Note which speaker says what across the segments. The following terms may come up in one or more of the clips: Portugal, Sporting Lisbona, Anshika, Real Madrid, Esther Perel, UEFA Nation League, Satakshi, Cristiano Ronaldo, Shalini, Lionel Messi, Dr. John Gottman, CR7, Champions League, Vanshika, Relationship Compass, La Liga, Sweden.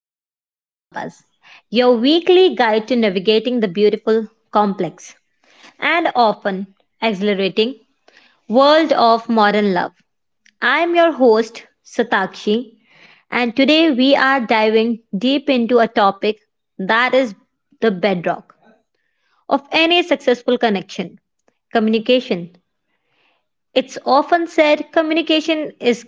Speaker 1: Relationship Compass, your weekly guide to navigating the beautiful, complex, and often exhilarating world of modern love. I am your host, Satakshi, and today we are diving deep into a topic that is the bedrock of any successful connection: communication. It's often said communication is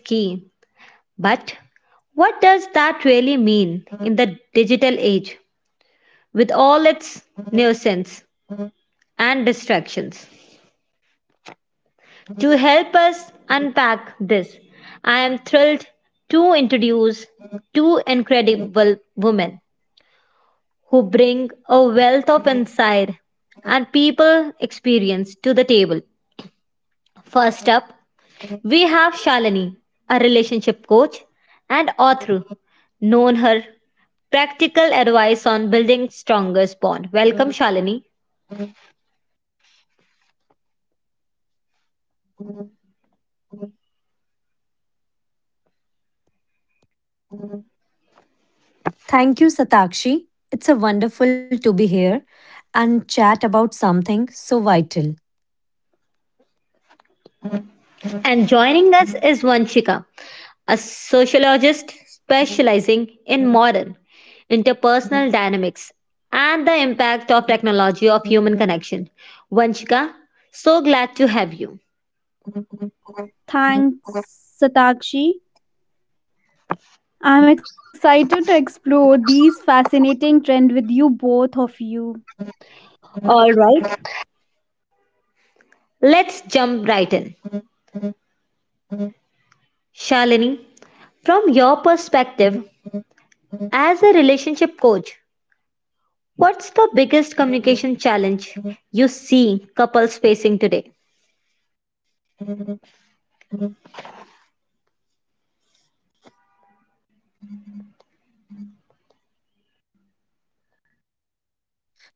Speaker 2: Thank you, Satakshi. It's a wonderful to be here and chat about something so vital.
Speaker 3: Thanks, Satakshi. I'm excited to explore these fascinating trends with you both of you.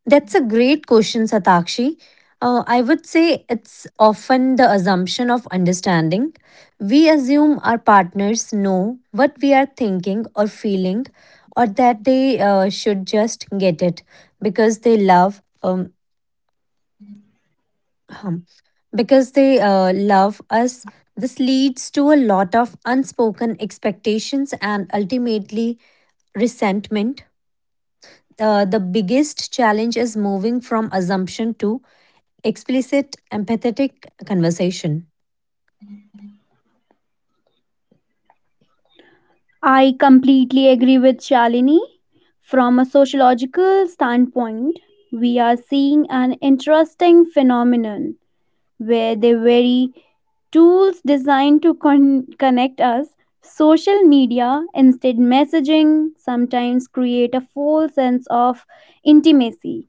Speaker 2: That's a great question, Satakshi. I would say it's often the assumption of understanding. We assume our partners know what we are thinking or feeling, or that they should just get it because they love. Ahem. Because they love us. This leads to a lot of unspoken expectations and ultimately resentment. The biggest challenge is moving from assumption to explicit empathetic conversation.
Speaker 3: I completely agree with Shalini. From a sociological standpoint, we are seeing an interesting phenomenon where the very tools designed to connect us, social media, instead messaging, sometimes create a false sense of intimacy.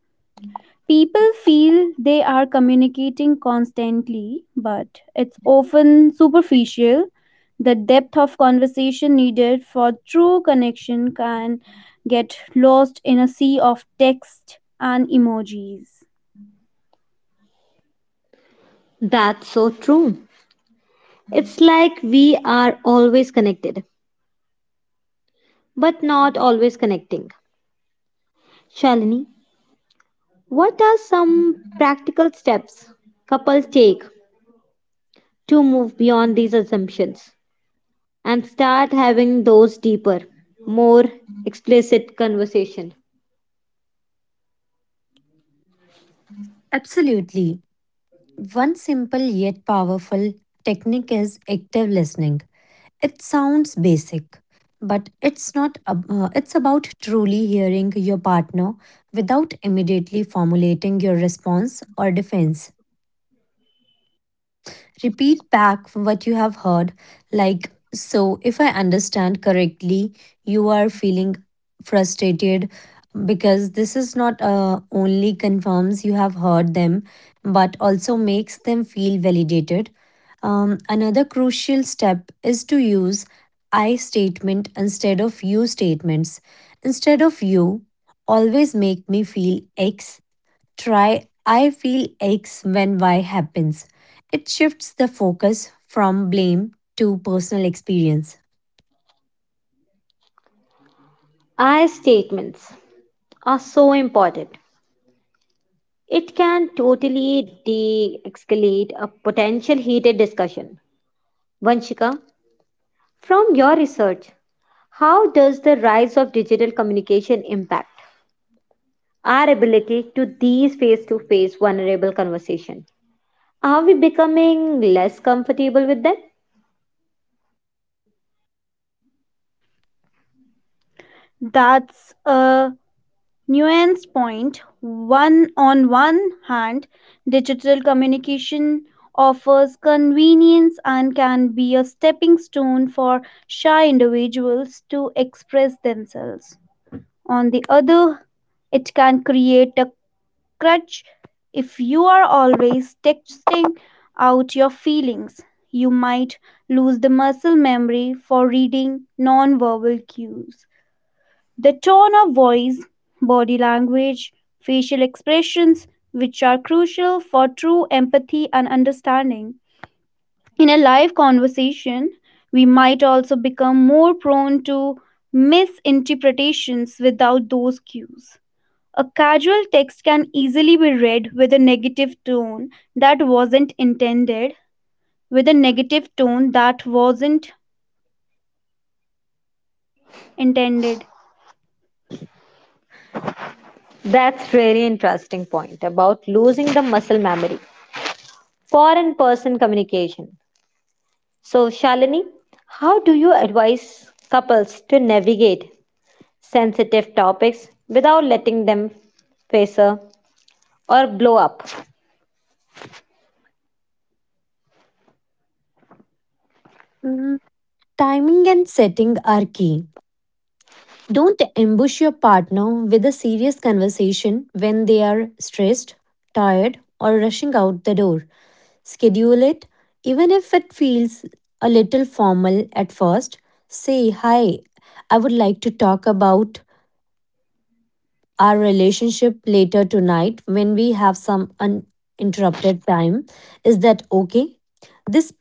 Speaker 3: People feel they are communicating constantly, but it's often superficial. The depth of conversation needed for true connection can get lost in a sea of text and emojis.
Speaker 2: Absolutely. One simple yet powerful technique is active listening. It sounds basic, but it's not ab- it's about truly hearing your partner without immediately formulating your response or defense. Repeat back what you have heard. Like, so if I understand correctly, you are feeling frustrated because this is not only confirms you have heard them, but also makes them feel validated. Another crucial step is to use I statement instead of you statements. Instead of you, always make me feel X, try I feel aches when Y happens. It shifts the focus from blame to personal experience.
Speaker 3: That's a nuance point one on one hand, digital communication offers convenience and can be a stepping stone for shy individuals to express themselves. On the other, it can create a crutch. If you are always texting out your feelings, you might lose the muscle memory for reading nonverbal cues: the tone of voice, body language, facial expressions, which are crucial for true empathy and understanding. In a live conversation, we might also become more prone to misinterpretations without those cues. A casual text can easily be read with a negative tone that wasn't intended, with a negative tone that wasn't intended.
Speaker 2: Mm, timing and setting are key. Don't ambush your partner with a serious conversation when they are stressed, tired, or rushing out the door. Schedule it, even if it feels a little formal at first. Say, hi, I would like to talk about our relationship later tonight when we have some uninterrupted time. Is that okay? This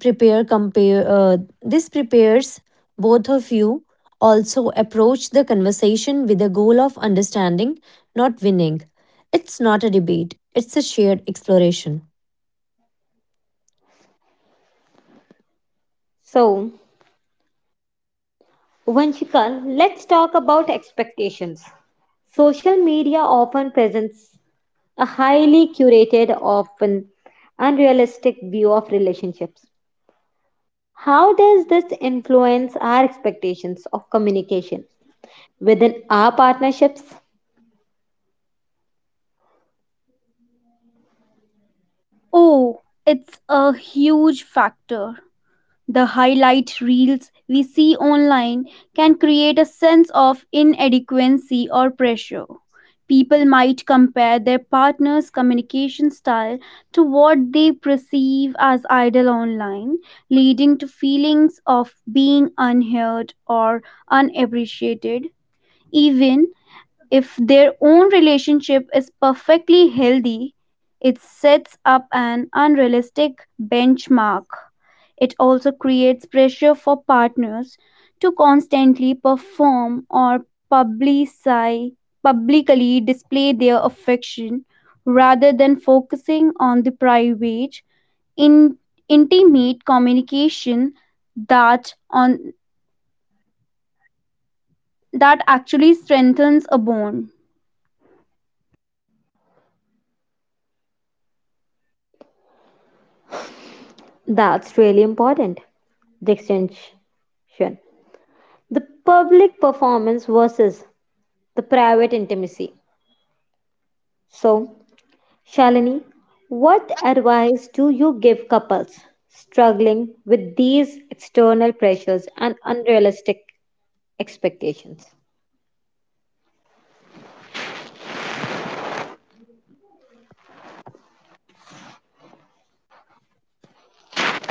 Speaker 2: this prepares both of you. Also approach the conversation with the goal of understanding, not winning. It's not a debate, it's a shared exploration.
Speaker 3: Oh, it's a huge factor. The highlight reels we see online can create a sense of inadequacy or pressure. People might compare their partner's communication style to what they perceive as ideal online, leading to feelings of being unheard or unappreciated. Even if their own relationship is perfectly healthy, it sets up an unrealistic benchmark. It also creates pressure for partners to constantly perform or publicly display their affection rather than focusing on the private, in- intimate communication that on that actually strengthens a bond.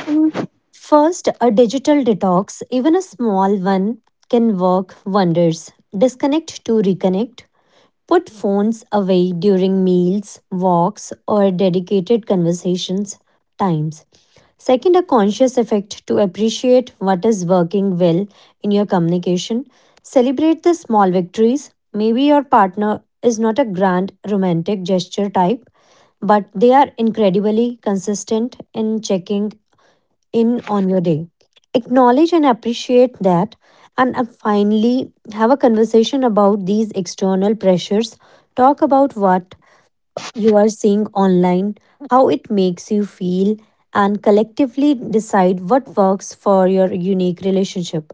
Speaker 2: Mm. First, a digital detox, even a small one, can work wonders. Disconnect to reconnect. Put phones away during meals, walks, or dedicated conversations times. Second, a conscious effect to appreciate what is working well in your communication. Celebrate the small victories. Maybe your partner is not a grand romantic gesture type, but they are incredibly consistent in checking in on your day. Acknowledge and appreciate that, and finally, have a conversation about these external pressures. Talk about what you are seeing online, how it makes you feel, and collectively decide what works for your unique relationship.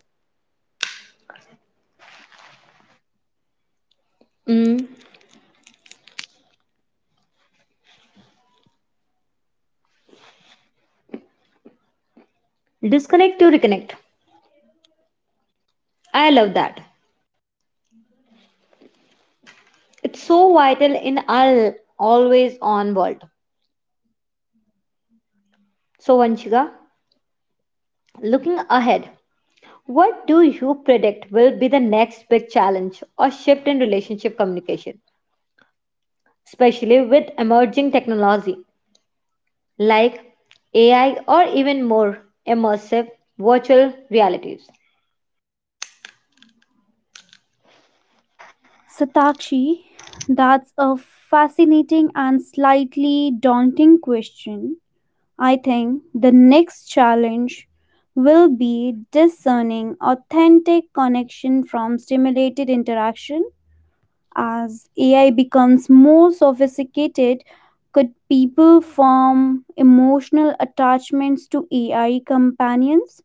Speaker 3: Satakshi, that's a fascinating and slightly daunting question. I think the next challenge will be discerning authentic connection from stimulated interaction. As AI becomes more sophisticated, could people form emotional attachments to AI companions?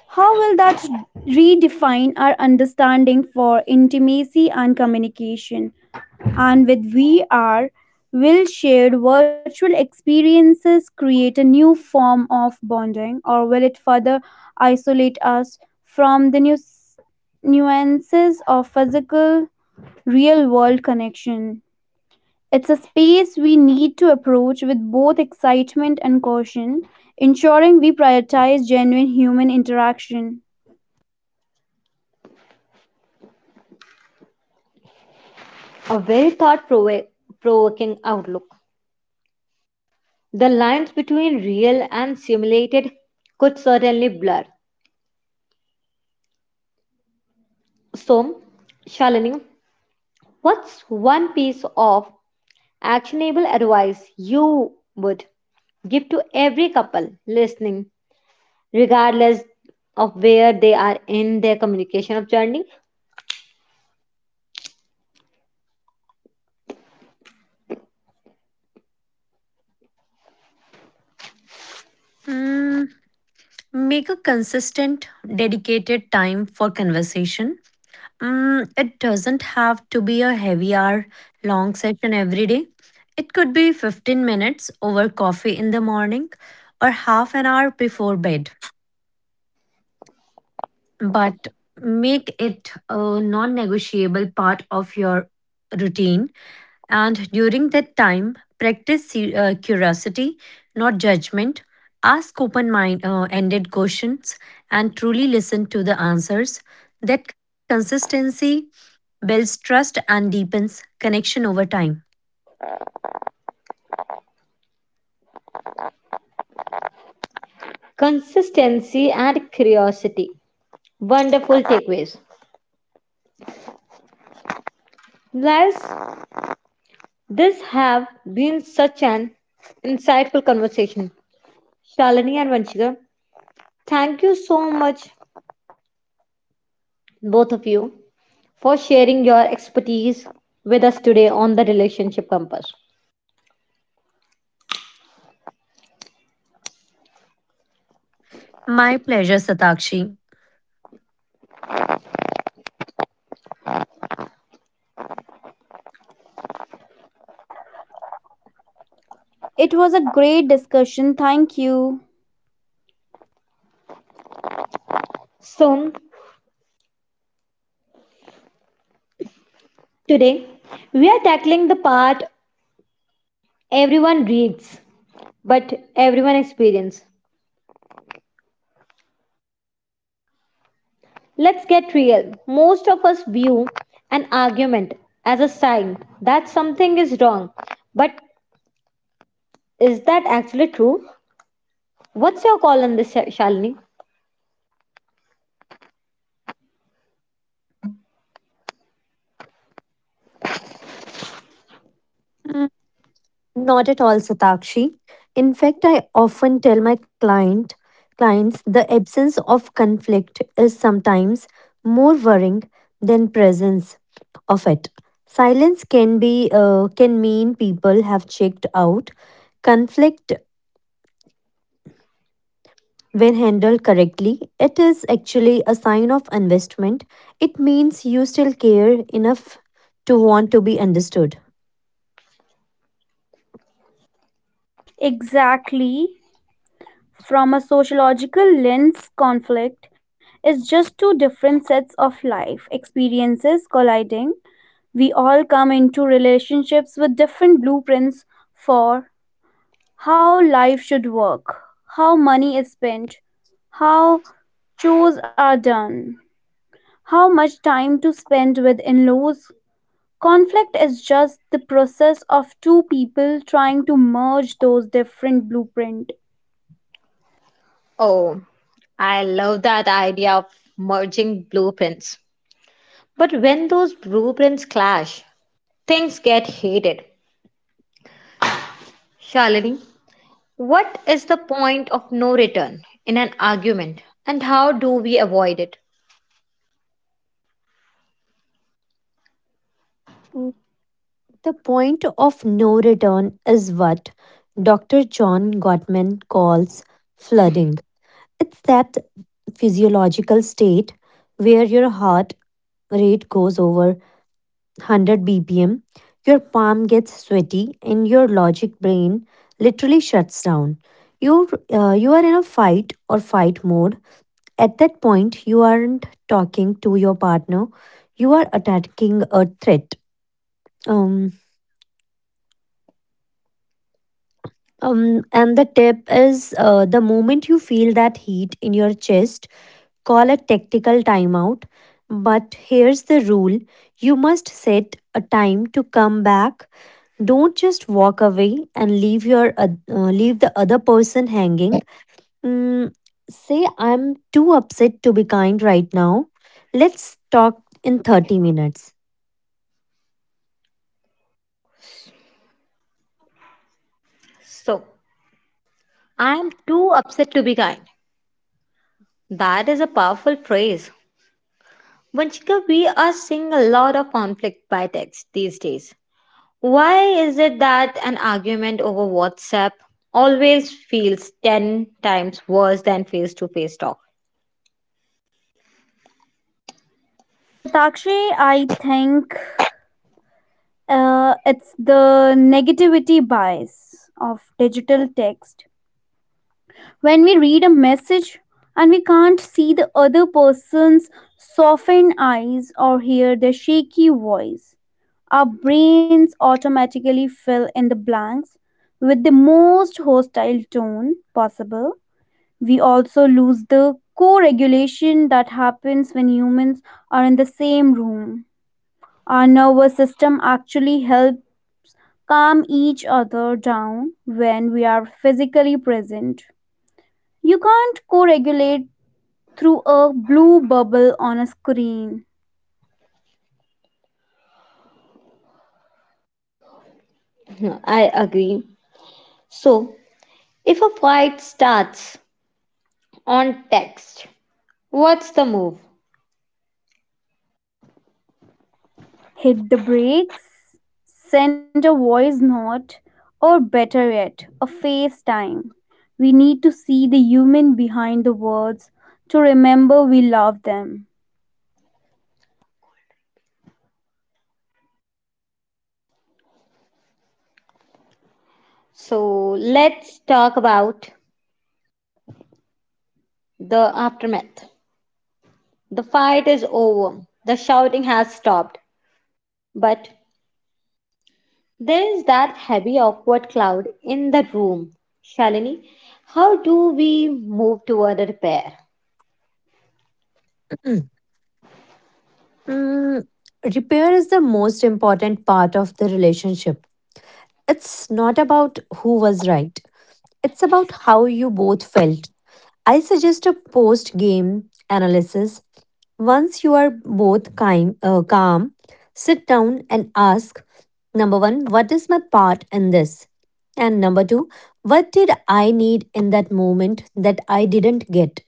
Speaker 3: How will that redefine our understanding for intimacy and communication? And with VR, will shared virtual experiences create a new form of bonding, or will it further isolate us from the new nuances of physical real world connection? It's a space we need to approach with both excitement and caution, ensuring we prioritize genuine human interaction.
Speaker 2: Mm, make a consistent, dedicated time for conversation. Mm, it doesn't have to be a heavy hour long session every day. It could be 15 minutes over coffee in the morning or half an hour before bed. But make it a non negotiable part of your routine, and during that time, practice curiosity, not judgment. Ask open mind, ended questions and truly listen to the answers. That consistency builds trust and deepens connection over time. My pleasure, Satakshi.
Speaker 3: It was a great discussion. Thank you.
Speaker 2: Mm, not at all, Satakshi. In fact, I often tell my clients the absence of conflict is sometimes more worrying than presence of it. Silence can be can mean people have checked out. Conflict, when handled correctly, it is actually a sign of investment. It means you still care enough to want to be understood.
Speaker 3: Exactly. From a sociological lens, conflict is just two different sets of life experiences colliding. We all come into relationships with different blueprints for how life should work, how money is spent, how chores are done, how much time to spend with in laws. Conflict is just the process of two people trying to merge those different blueprints.
Speaker 2: The point of no return is what Dr. John Gottman calls flooding. It's that physiological state where your heart rate goes over 100 bpm, your palm gets sweaty, and your logic brain literally shuts down. You are in a fight or fight mode. At that point, you aren't talking to your partner, you are attacking a threat. Um, and the tip is, the moment you feel that heat in your chest, call a tactical timeout. But here's the rule, you must set a time to come back. Don't just walk away and leave, leave the other person hanging. Mm, say, I'm too upset to be kind right now. Let's talk in 30 minutes.
Speaker 3: Satakshi, I think it's the negativity bias of digital text. When we read a message and we can't see the other person's softened eyes or hear their shaky voice, our brains automatically fill in the blanks with the most hostile tone possible. We also lose the co regulation that happens when humans are in the same room. Our nervous system actually helps calm each other down when we are physically present. You can't co regulate through a blue bubble on a screen. Hit the brakes, send a voice note, or better yet, FaceTime. We need to see the human behind the words to remember we love them.
Speaker 2: Mm, repair is the most important part of the relationship. It's not about who was right, it's about how you both felt. I suggest a post game analysis. Once you are both calm, sit down and ask number one, what is my part in this? And number two, what did I need in that moment that I didn't get?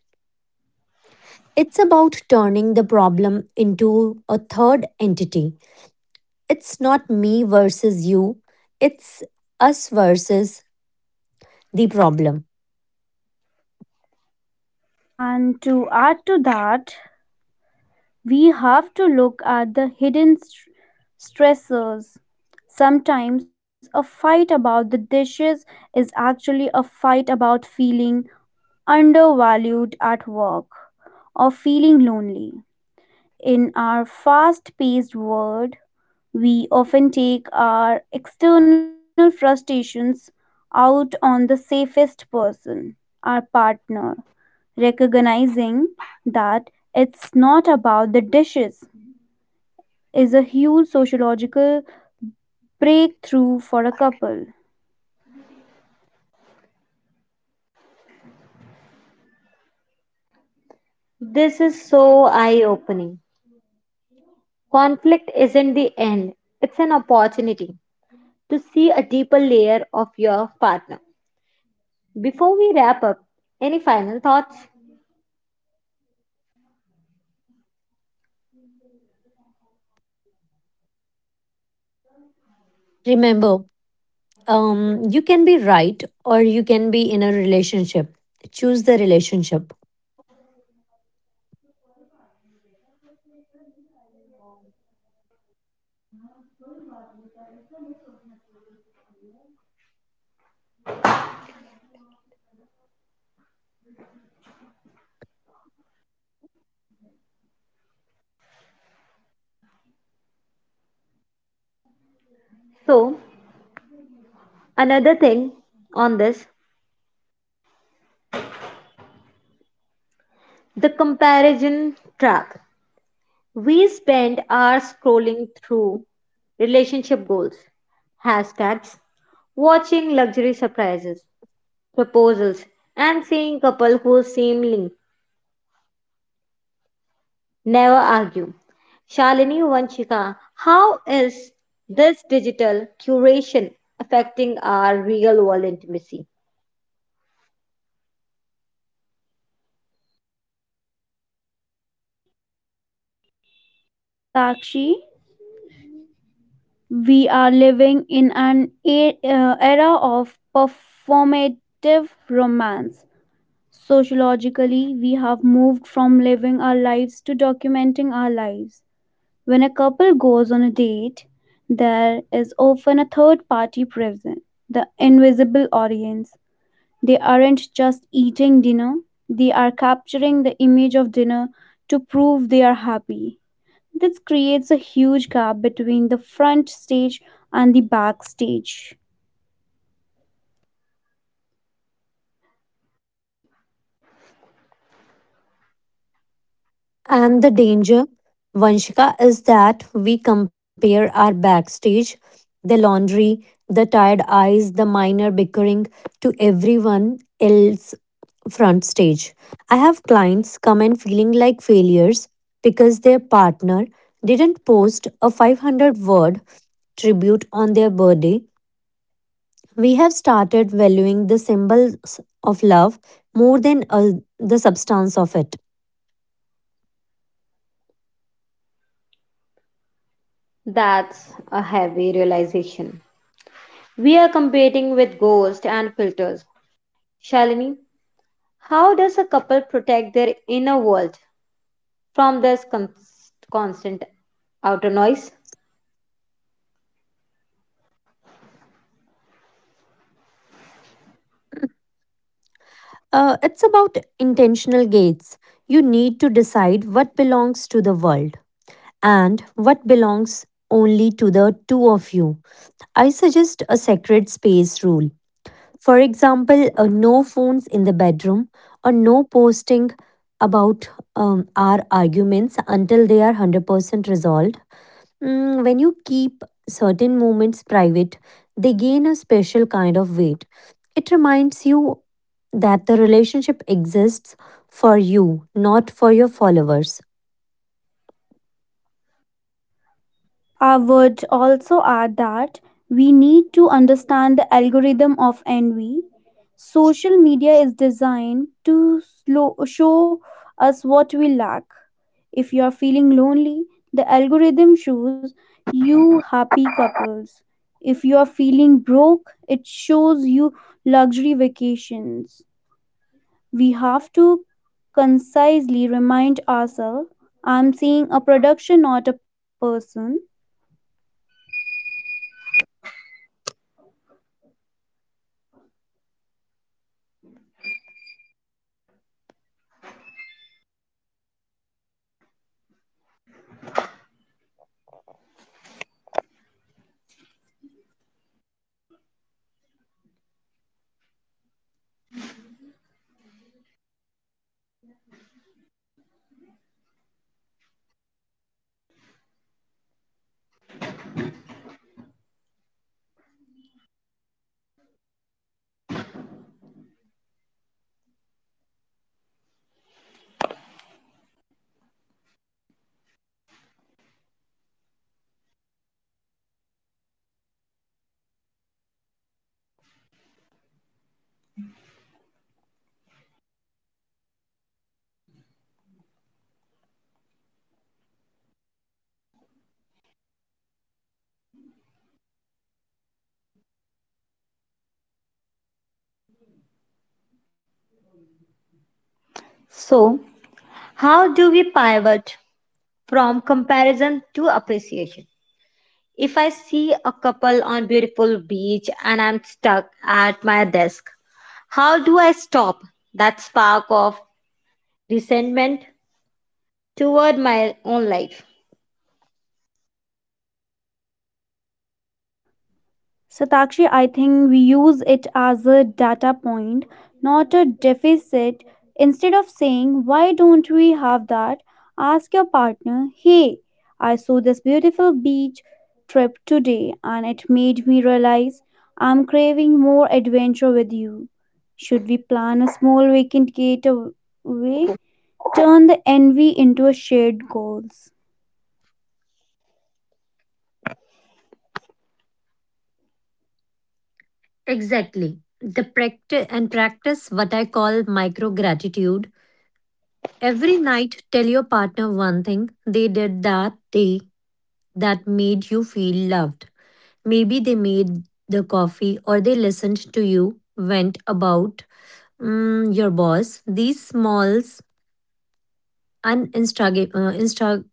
Speaker 2: It's about turning the problem into a third entity. It's not me versus you, it's us versus the problem.
Speaker 3: And to add to that, we have to look at the hidden stressors. Sometimes a fight about the dishes is actually a fight about feeling undervalued at work or feeling lonely. In our fast paced world, we often take our external frustrations out on the safest person, our partner. Recognizing that it's not about the dishes is a huge sociological breakthrough for a couple.
Speaker 2: Remember, you can be right or you can be in a relationship. Choose the relationship.
Speaker 3: And be gentle with each other. We are all just trying to figure it out in a very complicated world. Satakshi, we are living in an era of performative romance. Sociologically, we have moved from living our lives to documenting our lives. When a couple goes on a date, there is often a third party present, the invisible audience. They aren't just eating dinner, they are capturing the image of dinner to prove they are happy. This creates a huge gap between the front stage and the backstage.
Speaker 2: And the danger, Vanshika, is that we compare our backstage, the laundry, the tired eyes, the minor bickering, to everyone else front stage. I have clients come in feeling like failures because their partner didn't post a 500 word tribute on their birthday. We have started valuing the symbols of love more than the substance of it. It's about intentional gates. You need to decide what belongs to the world and what belongs only to the two of you. I suggest a sacred space rule. For example, no phones in the bedroom, or no posting about our arguments until they are 100% resolved. Mm, when you keep certain moments private, they gain a special kind of weight. It reminds you that the relationship exists for you, not for your followers.
Speaker 3: Our words also are that we need to understand the algorithm of envy. Social media is designed to show us what we lack. If you are feeling lonely, the algorithm shows you happy couples. If you are feeling broke, it shows you luxury vacations. We have to concisely remind ourselves, I'm seeing a production, not a person. Satakshi, I think we use it as a data point, not a deficit. Instead of saying, "Why don't we have that?" ask your partner, "Hey, I saw this beautiful beach trip today and it made me realize I'm craving more adventure with you. Should we plan a small weekend getaway?" Turn the envy into a shared goals.
Speaker 2: Exactly. The practice and practice what I call micro gratitude. Every night tell your partner one thing they did that day that made you feel loved. Maybe they made the coffee, or they listened to you went about mm, your boss. These smalls and Instaga- Insta-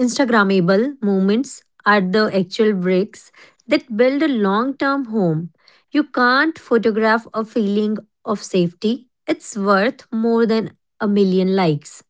Speaker 2: Instagrammable moments are the actual breaks that build a long term home. You can't photograph a feeling of safety, it's worth more than a million likes.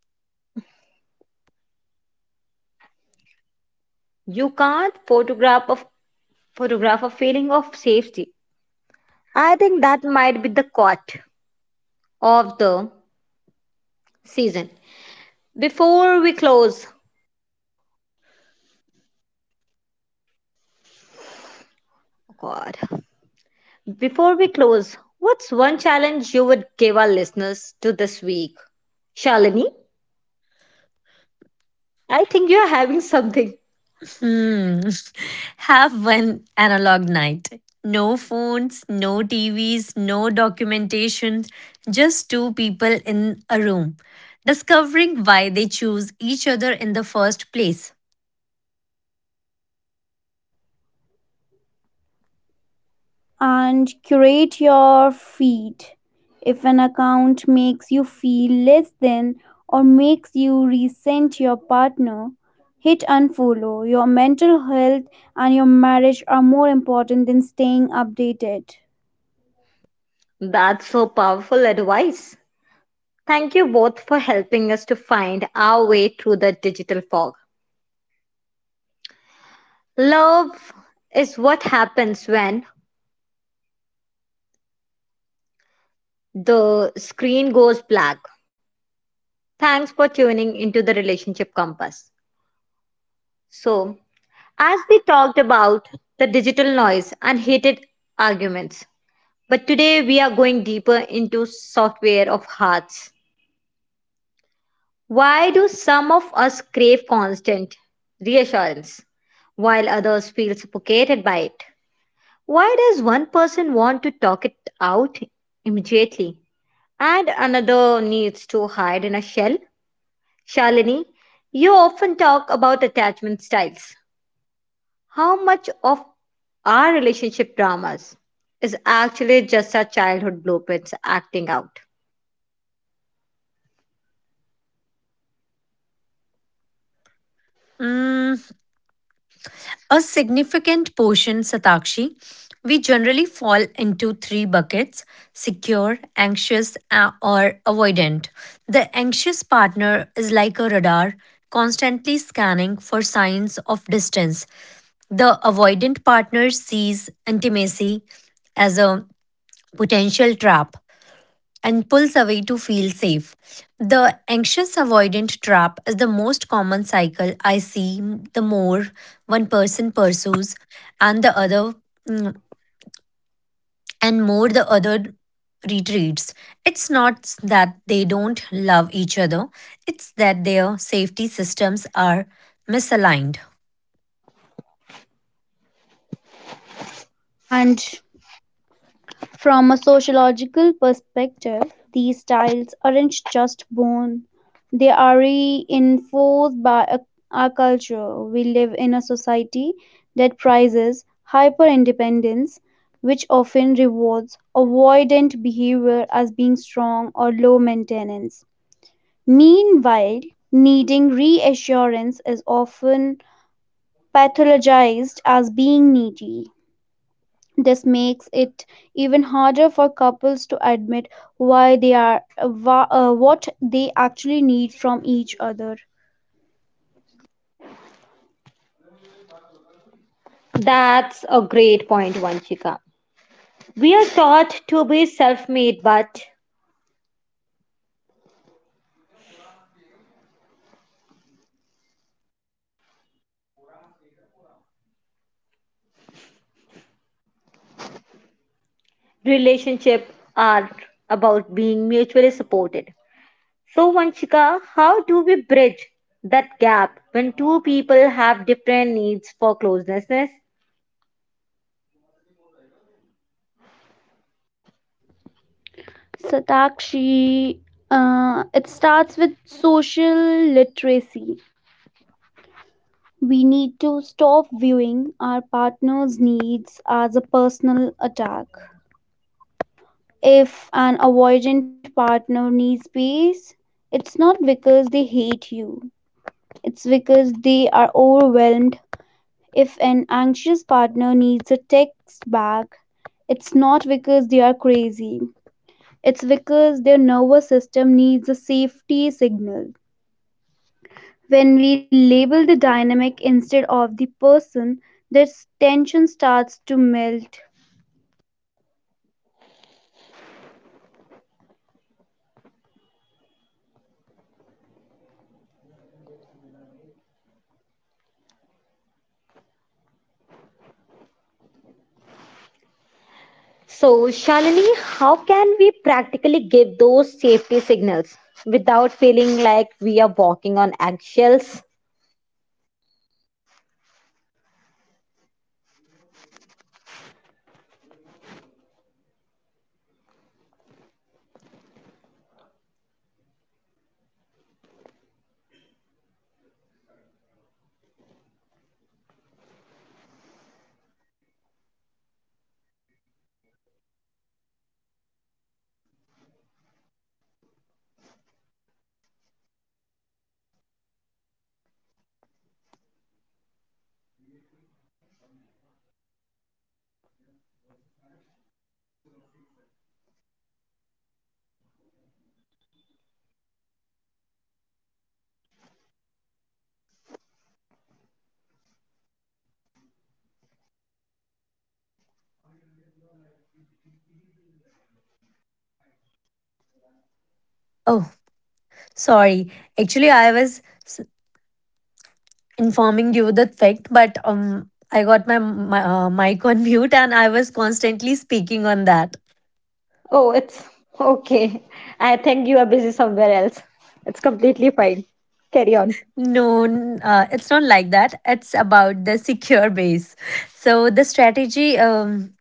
Speaker 2: Hmm. Have one analog night. No phones, no TVs, no documentation, just two people in a room, discovering why they choose each other in the first place.
Speaker 3: And curate your feed. If an account makes you feel less than or makes you resent your partner, hit unfollow. Your mental health and your marriage are more important than staying updated.
Speaker 2: Mm, a significant portion, Satakshi. We generally fall into three buckets, secure, anxious, or avoidant. The anxious partner is like a radar, constantly scanning for signs of distance. The avoidant partner sees intimacy as a potential trap and pulls away to feel safe. The anxious avoidant trap is the most common cycle I see, the more one person pursues and the other mm, and more the other retreats. It's not that they don't love each other, it's that their safety systems are misaligned.
Speaker 3: And from a sociological perspective, these styles aren't just born, they are reinforced by our culture. We live in a society that prizes hyper independence, which often rewards avoidant behavior as being strong or low maintenance. Meanwhile, needing reassurance is often pathologized as being needy. This makes it even harder for couples to admit why they are what they actually need from each other. Satakshi, it starts with social literacy. We need to stop viewing our partner's needs as a personal attack. If an avoidant partner needs space, it's not because they hate you, it's because they are overwhelmed. If an anxious partner needs a text back, it's not because they are crazy, it's because their nervous system needs a safety signal. When we label the dynamic instead of the person, this tension starts to melt.
Speaker 2: Oh, sorry. Actually, I was s- informing you the fact, but I got my mic on mute and I was constantly speaking on that. No, it's not like that. It's about the secure base. So the strategy.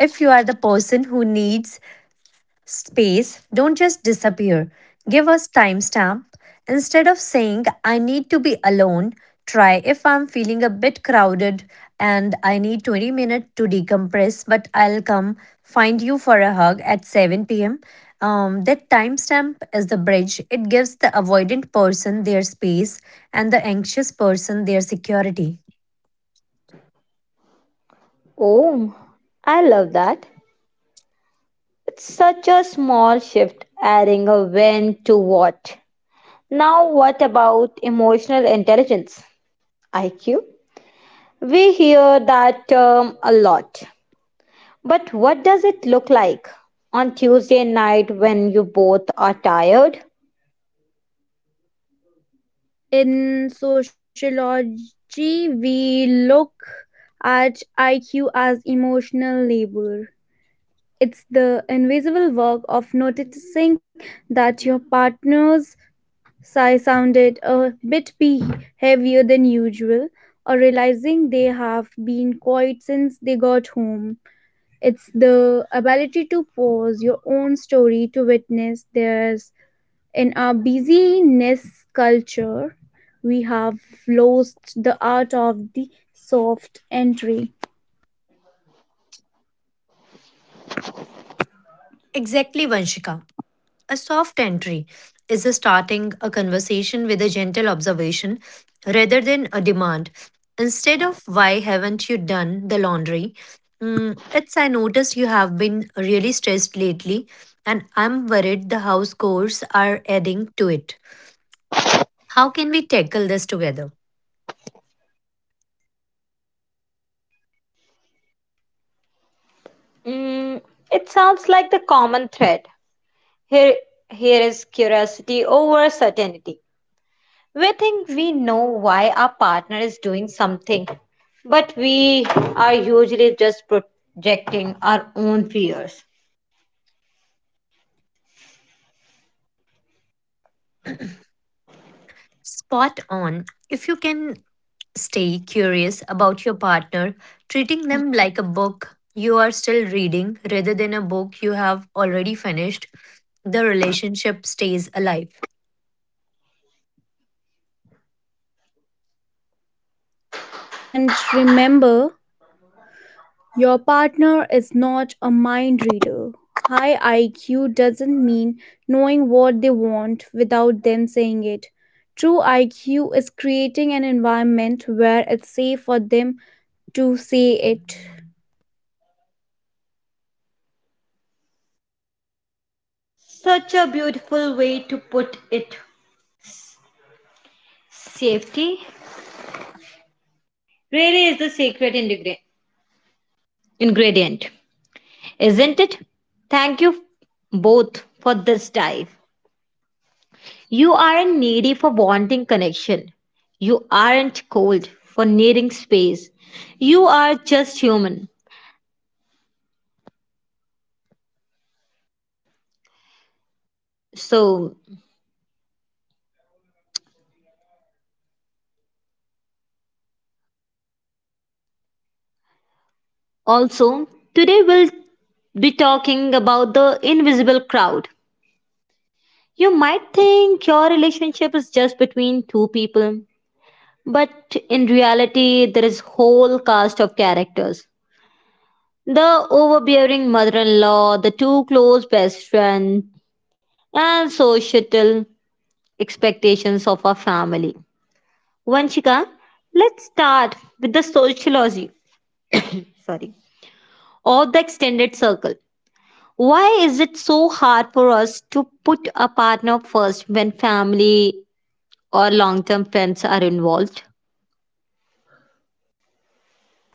Speaker 2: If you are the person who needs space, don't just disappear. Give us timestamp. Instead of saying I need to be alone, try if I'm feeling a bit crowded and I need 20 minutes to decompress, but I'll come find you for a hug at 7 p.m. That timestamp is the bridge. It gives the avoidant person their space and the anxious person their security.
Speaker 3: In sociology, we look at IQ as emotional labor. It's the invisible work of noticing that your partner's Sai sounded a bit heavier than usual, or realizing they have been quiet since they got home. It's the ability to pause your own story to witness theirs. In our busyness culture, we have lost the art of the soft entry.
Speaker 2: Exactly, Vanshika. A soft entry is a starting a conversation with a gentle observation rather than a demand. Instead of why haven't you done the laundry? Mm, it's I noticed you have been really stressed lately and I'm worried the house chores are adding to it. How can we tackle this together? Spot on. If you can stay curious about your partner, treating them like a book you are still reading rather than a book you have already finished, the relationship stays alive.
Speaker 3: And remember, your partner is not a mind reader. High IQ doesn't mean knowing what they want without them saying it. True IQ is creating an environment where it's safe for them to say it.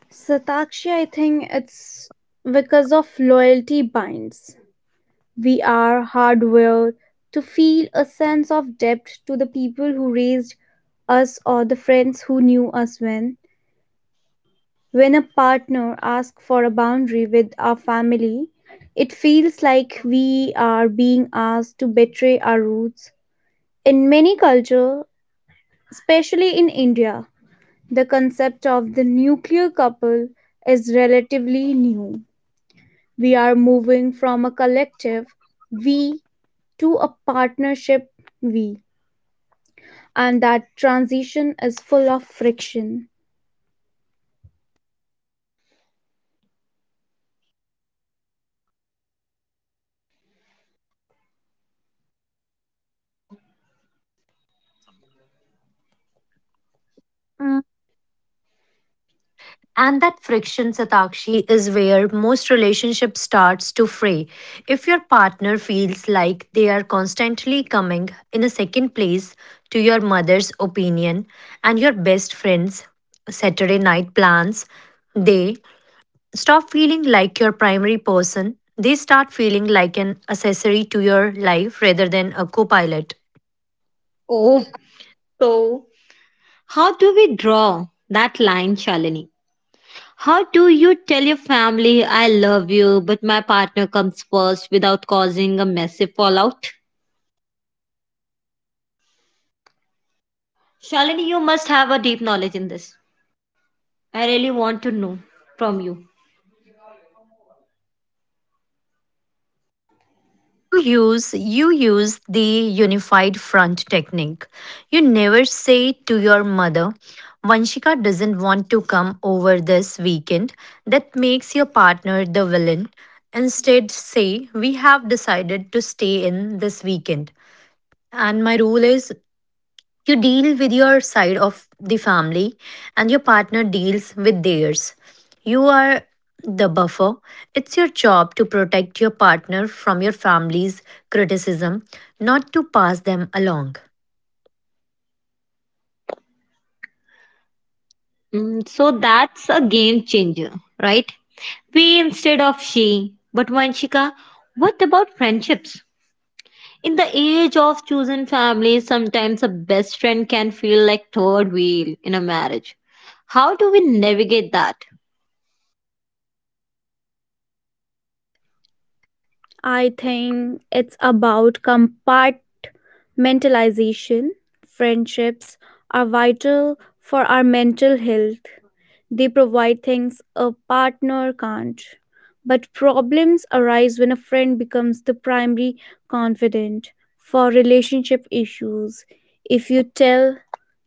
Speaker 3: Satakshi, I think it's because of loyalty binds. We are hardwired to feel a sense of debt to the people who raised us or the friends who knew us. When a partner asks for a boundary with our family, it feels like we are being asked to betray our roots. In many cultures, especially in India, the concept of the nuclear couple is relatively new. We are moving from a collective we to a partnership we, and that transition is full of friction.
Speaker 4: Mm, and that friction, Satakshi, is where most relationship starts to fray. If your partner feels like they are constantly coming in a second place to your mother's opinion and your best friend's Saturday night plans, they stop feeling like your primary person. They start feeling like an accessory to your life rather than a co pilot. You use the unified front technique. You never say to your mother, "Vanshika doesn't want to come over this weekend." That makes your partner the villain. Instead say, "We have decided to stay in this weekend," and my rule is you deal with your side of the family, and your partner deals with theirs. You are the buffer. It's your job to protect your partner from your family's criticism, not to pass them along.
Speaker 3: I think it's about compartmentalization. Friendships are vital for our mental health. They provide things a partner can't. But problems arise when a friend becomes the primary confidant for relationship issues. If you tell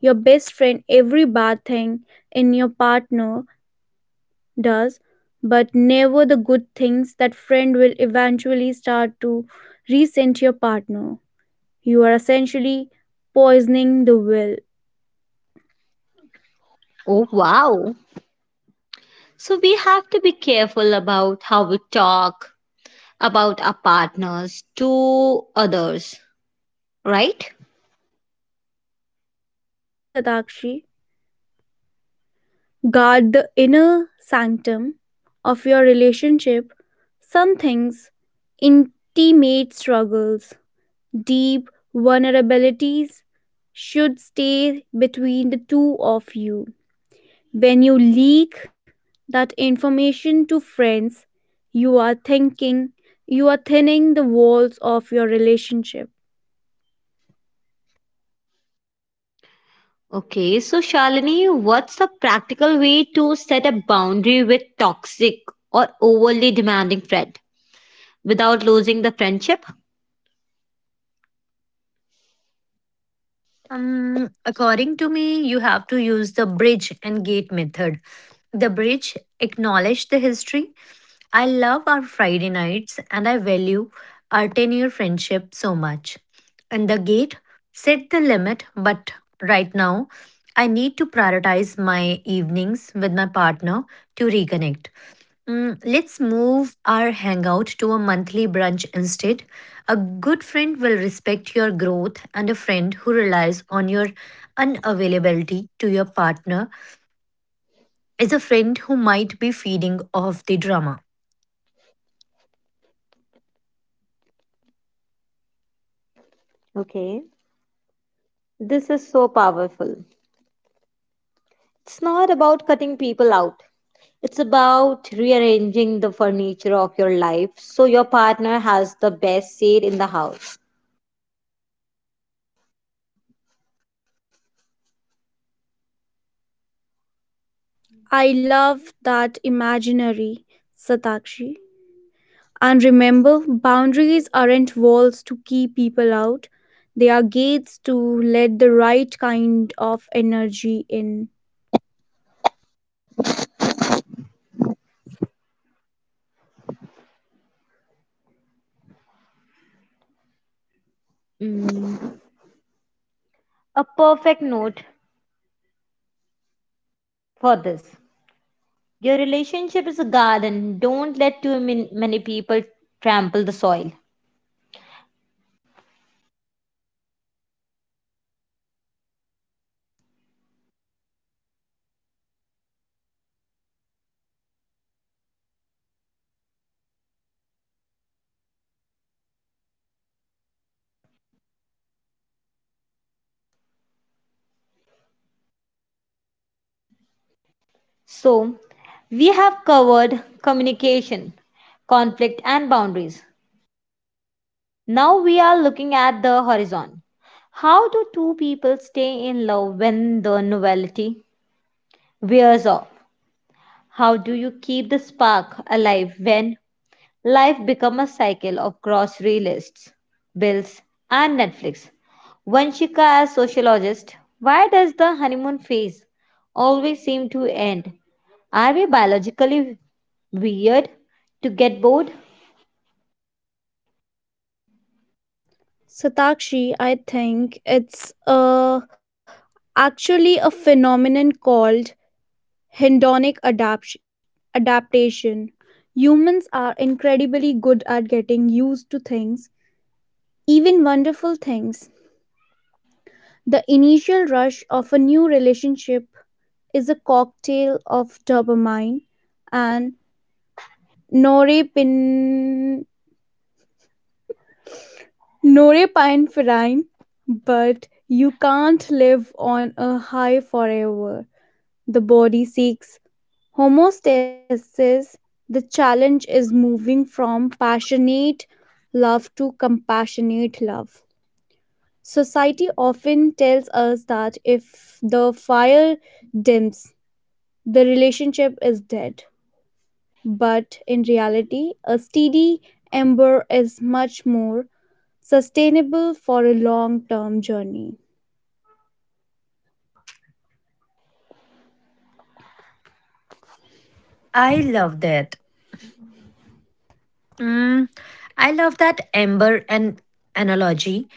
Speaker 3: your best friend every bad thing in your partner, does, but never the good things, that friend will eventually start to resent your partner. You are essentially poisoning the will. Exactly, Satakshi. Guard the inner sanctum of your relationship. Some things, intimate struggles, deep vulnerabilities, should stay between the two of you. When you leak that information to friends, you are thinking you are thinning the walls of your relationship.
Speaker 4: According to me, you have to use the bridge and gate method. The bridge: acknowledge the history. I love our Friday nights and I value our 10-year friendship so much. And the gate: set the limit, but right now I need to prioritize my evenings with my partner to reconnect. Mm, let's move our hangout to a monthly brunch instead. A good friend will respect your growth, and a friend who relies on your unavailability to your partner is a friend who might be feeding off the drama.
Speaker 3: I love that imaginary, Satakshi. And remember, boundaries aren't walls to keep people out, they are gates to let the right kind of energy in. Satakshi, I think it's actually a phenomenon called hedonic adaptation. Humans are incredibly good at getting used to things, even wonderful things. The initial rush of a new relationship is a cocktail of dopamine and norepin- norepinephrine, but you can't live on a high forever. The body seeks homeostasis. The challenge is moving from passionate love to compassionate love. Society often tells us if the fire dims, the relationship is dead. But in reality, a steady ember is much more sustainable for a long-term journey.
Speaker 4: I love that. Mm, I love that amber and analogy,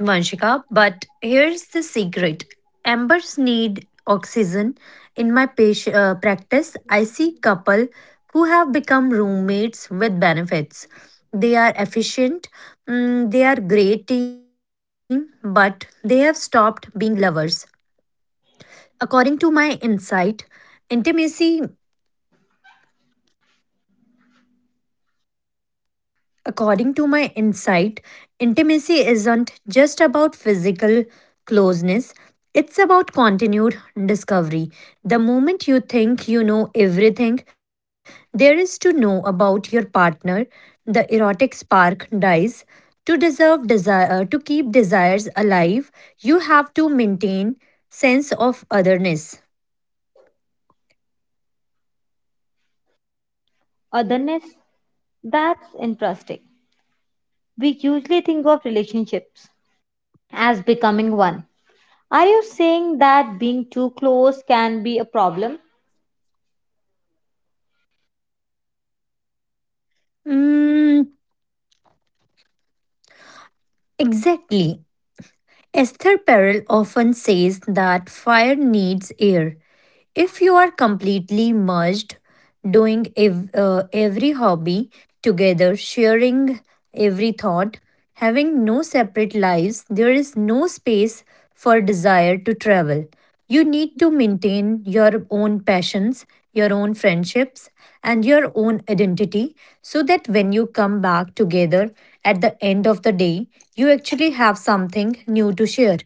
Speaker 4: Vanshika, but here's the secret. Embers need oxygen. In my patient practice, I see couple who have become roommates with benefits. They are efficient, mm, they are great team, but they have stopped being lovers. According to my insight, intimacy According to my insight, intimacy isn't just about physical closeness, it's about continued discovery. The moment you think you know everything there is to know about your partner, the erotic spark dies. To keep desires alive, you have to maintain sense of otherness. Mm, exactly. Esther Perel often says that fire needs air. If you are completely merged, doing every hobby together, sharing every thought, having no separate lives, there is no space for desire to travel. You need to maintain your own passions, your own friendships, and your own identity so that when you come back together at the end of the day, you actually have something new to share.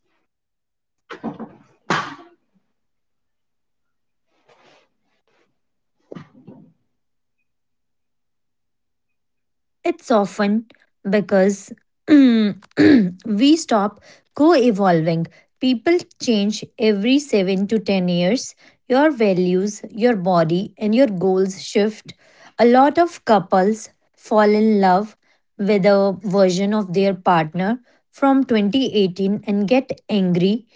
Speaker 3: It's often because the it's often because we stop co-evolving.
Speaker 4: It's often because we stop co evolving. People change every 7 to 10 years. Your values, your body, and your goals shift. A lot of couples fall in love with a version of their partner from 2018 and get angry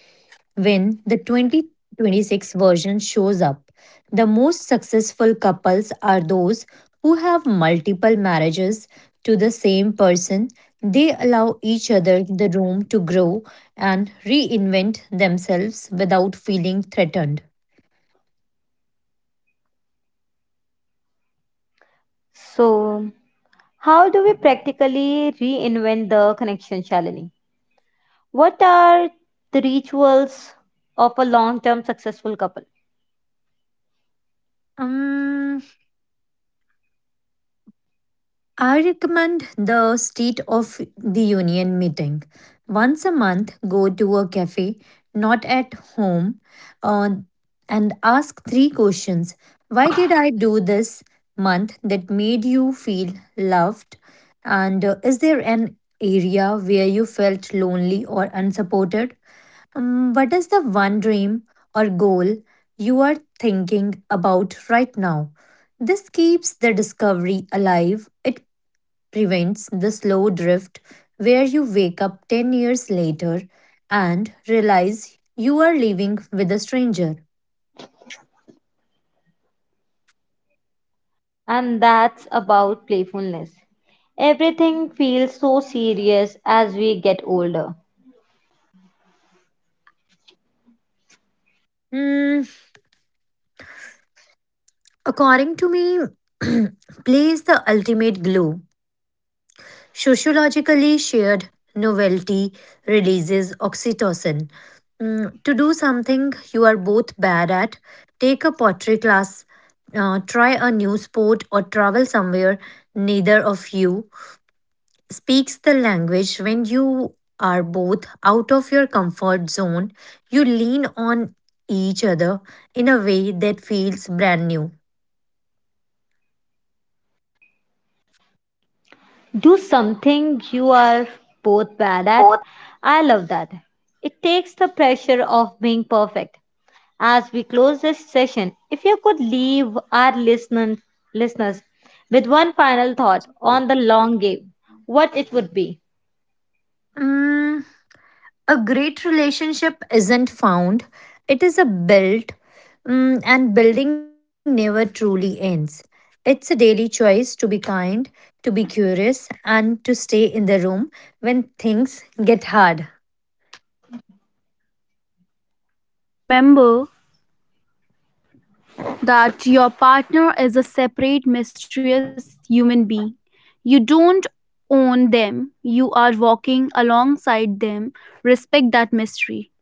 Speaker 4: when the 2026 version shows up. The most successful couples are those who have multiple marriages to the same person. They allow each other the room to grow and reinvent themselves without feeling threatened. Um, I recommend the State of the Union meeting. Once a month, go to a cafe, not at home, uh, and ask three questions. Why did I do this month that made you feel loved? And is there an area where you felt lonely or unsupported? What is the one dream or goal you are thinking about right now? This keeps the discovery alive. It prevents the slow drift where you wake up 10 years later and realize you are living with a stranger. Hmm, according to me, play is the ultimate glue. Sociologically, shared novelty releases oxytocin. Mm, to do something you are both bad at, take a pottery class, try a new sport, or travel somewhere neither of you speaks the language. When you are both out of your comfort zone, you lean on each other in a way that feels brand new. Mm, a great relationship isn't found, it is a built, mm, and building never truly ends. It's a daily choice to be kind, to be curious, and to stay in the room when things get hard.
Speaker 3: And remember that your partner is a separate, mysterious human being. You don't own them, you are walking alongside them. Respect that mystery.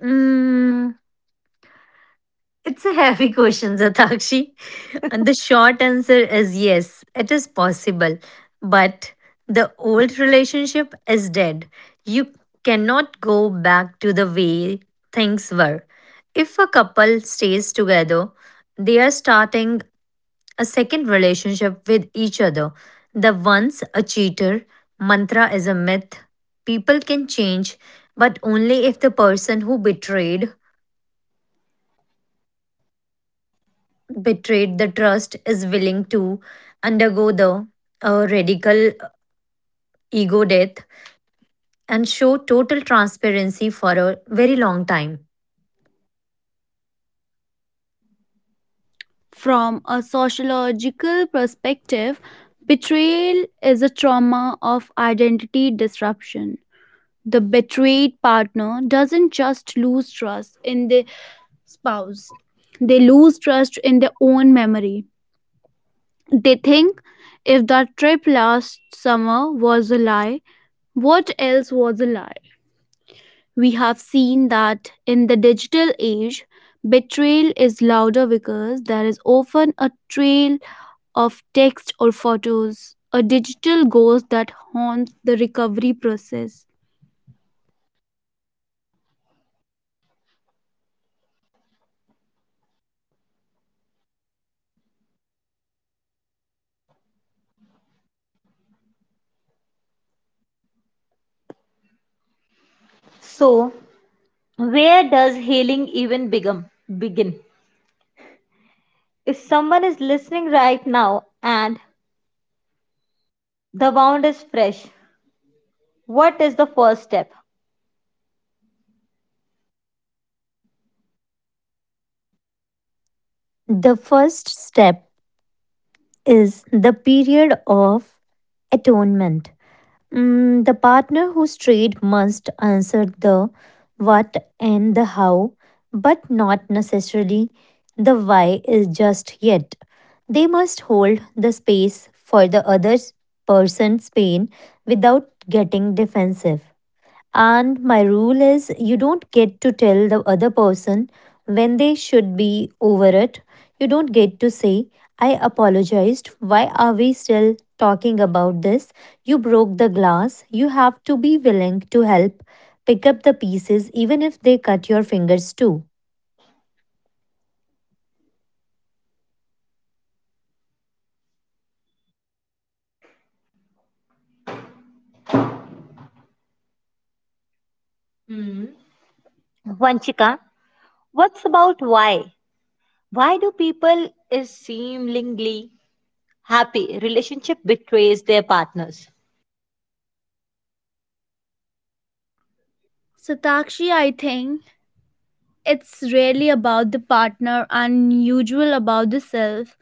Speaker 4: Mm, it's a heavy question, Satakshi. And the short answer is yes, it is possible. But the old relationship is dead. You cannot go back to the way things were. If a couple stays together, they are starting a second relationship with each other. The once a cheater mantra is a myth. People can change, but only if the person who betrayed the trust is willing to undergo the radical ego death and show total transparency for a very long time.
Speaker 3: From a sociological perspective, betrayal is a trauma of identity disruption. The betrayed partner doesn't just lose trust in the spouse, they lose trust in their own memory. They think, if that trip last summer was a lie, what else was a lie? We have seen that in the digital age, betrayal is louder because there is often a trail of text or photos, a digital ghost that haunts the recovery process.
Speaker 4: The first step is the period of atonement. Mm, the partner who's strayed must answer the what and the how, but not necessarily the why is just yet. They must hold the space for the other person's pain without getting defensive. And my rule is you don't get to tell the other person when they should be over it. You don't get to say, "I apologized. Why are we still talking about this?" You broke the glass. You have to be willing to help pick up the pieces, even if they cut your fingers too.
Speaker 3: Satakshi, I think it's really about the partner and usual about the self.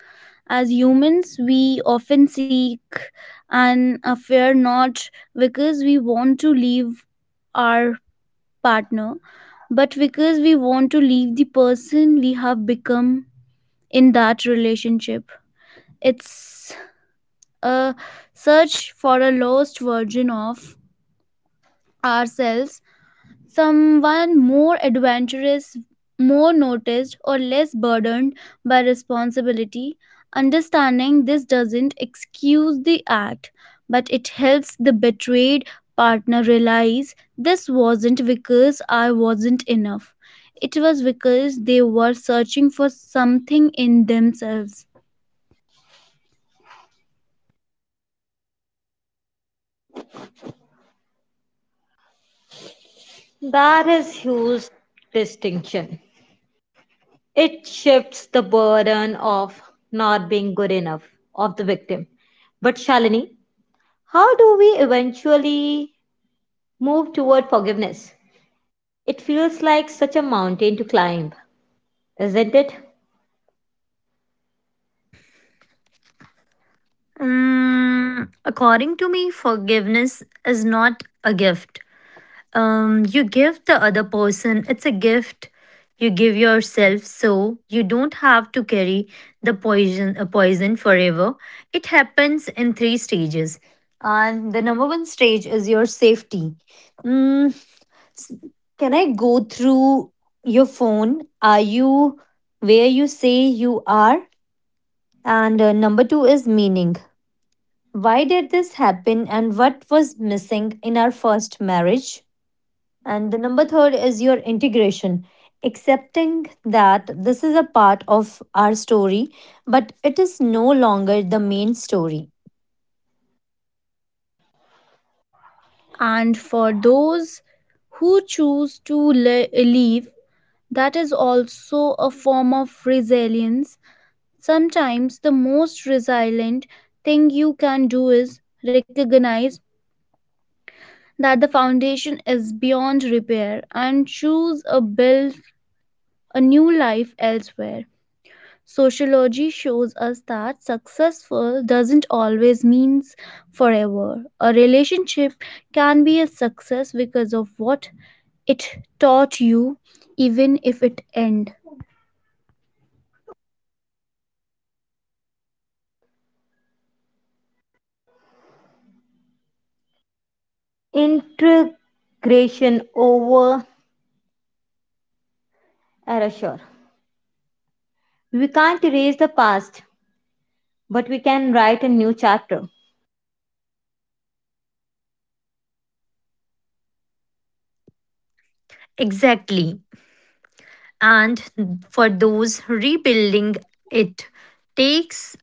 Speaker 3: As humans, we often seek an affair not because we want to leave our partner, but because we want to leave the person we have become in that relationship. It's a search for a lost version of ourselves, someone more adventurous, more noticed, or less burdened by responsibility. Understanding this doesn't excuse the act, but it helps the betrayed partner realize this wasn't because I wasn't enough. It was because they were searching for something in themselves.
Speaker 4: Mm, according to me, forgiveness is not a gift you give the other person, it's a gift you give yourself so you don't have to carry the poison forever. It happens in three stages, and the number one stage is your safety. Mm, s- can I go through your phone? Are you where you say you are? And number two is meaning. Why did this happen and what was missing in our first marriage? And the number third is your integration. Accepting that this is a part of our story, but it is no longer the main story.
Speaker 3: And for those who choose to leave, that is also a form of resilience. Sometimes the most resilient thing you can do is recognize that the foundation is beyond repair and choose a build a new life elsewhere. Sociology shows us that successful doesn't always mean forever. A relationship can be a success because of what it taught you, even if it ends.
Speaker 4: Exactly. And for those rebuilding, it takes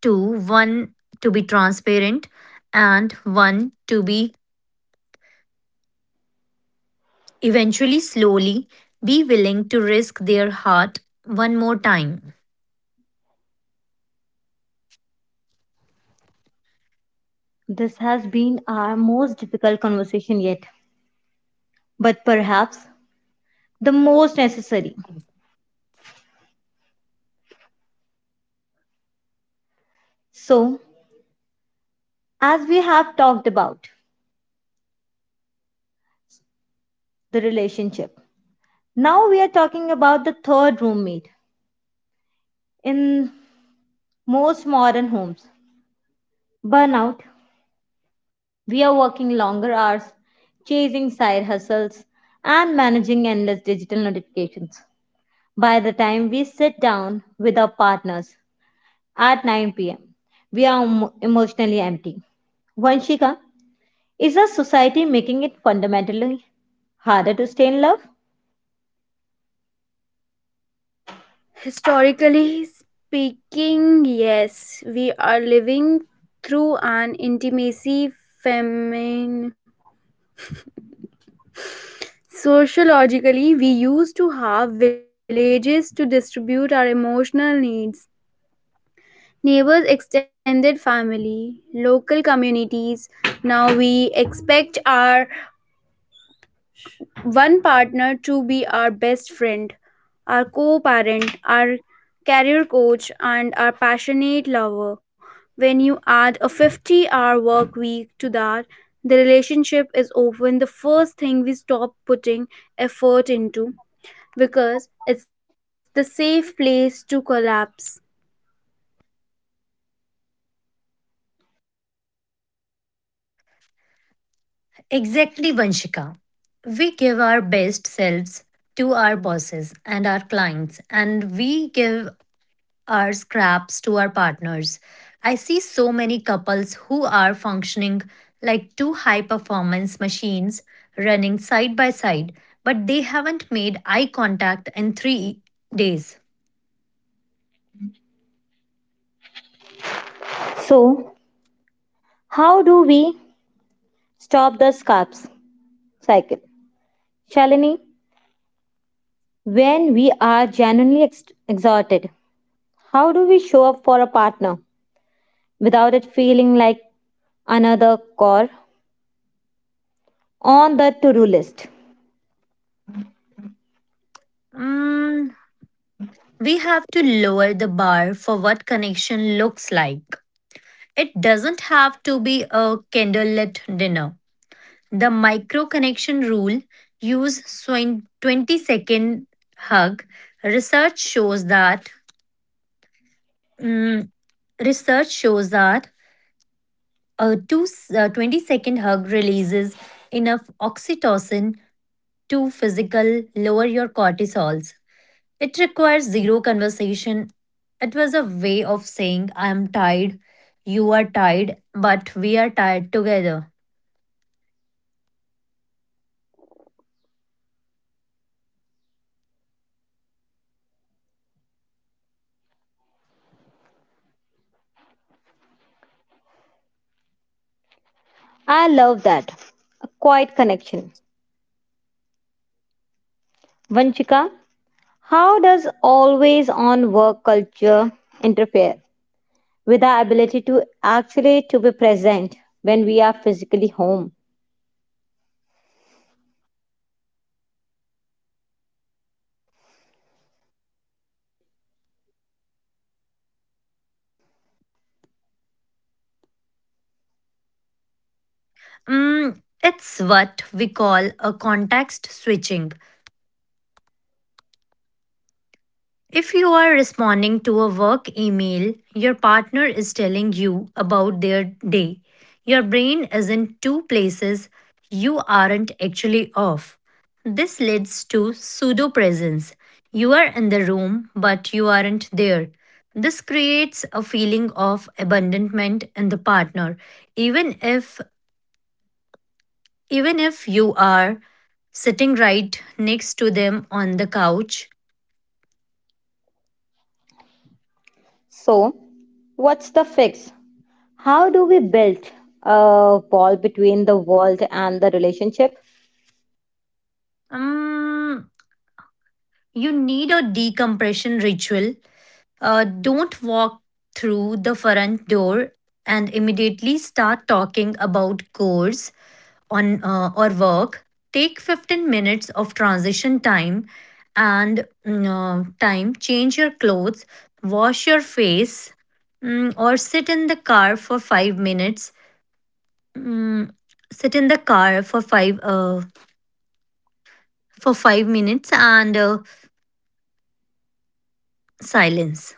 Speaker 4: two: one to be transparent and one to be eventually slowly be willing to risk their heart one more time.
Speaker 3: Historically speaking, yes, we are living through an intimacy famine. Sociologically, we used to have villages to distribute our emotional needs: neighbors, extended family, local communities. Now we expect our one partner to be our best friend, our co parent, our career coach, and our passionate lover. When you add a 50-hour work week to that, the relationship is often the first thing we stop putting effort into because it's the safe place to collapse.
Speaker 4: Exactly, Vanshika. We give our best selves to our bosses and our clients, and we give our scraps to our partners. I see so many couples who are functioning like two high performance machines running side by side, but they haven't made eye contact in 3 days. Mm, we have to lower the bar for what connection looks like. It doesn't have to be a candlelit dinner. The micro connection rule: use 20-second hug. Research shows that mm, Research shows that a 20-second hug releases enough oxytocin to physical lower your cortisols. It requires zero conversation. It was a way of saying, "I am tired, you are tired, but we are tired together." Mm, it's what we call a context switching. If you are responding to a work email, your partner is telling you about their day. Your brain is in two places, you aren't actually off. This leads to pseudo presence. You are in the room, but you aren't there. This creates a feeling of abandonment in the partner, even if even if you are sitting right next to them on the couch. Um, You need a decompression ritual. Don't walk through the front door and immediately start talking about course on or work. Take 15 minutes of transition time and time. Change your clothes, wash your face, or sit in the car for 5 minutes. Mm, sit in the car for five for 5 minutes and silence.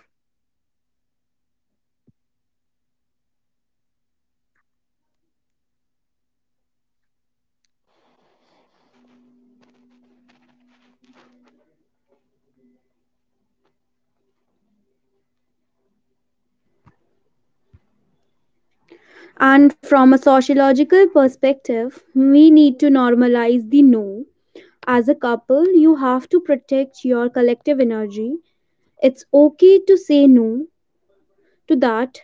Speaker 3: And from a sociological perspective, we need to normalize the no. As a couple, you have to protect your collective energy. It's okay to say no to that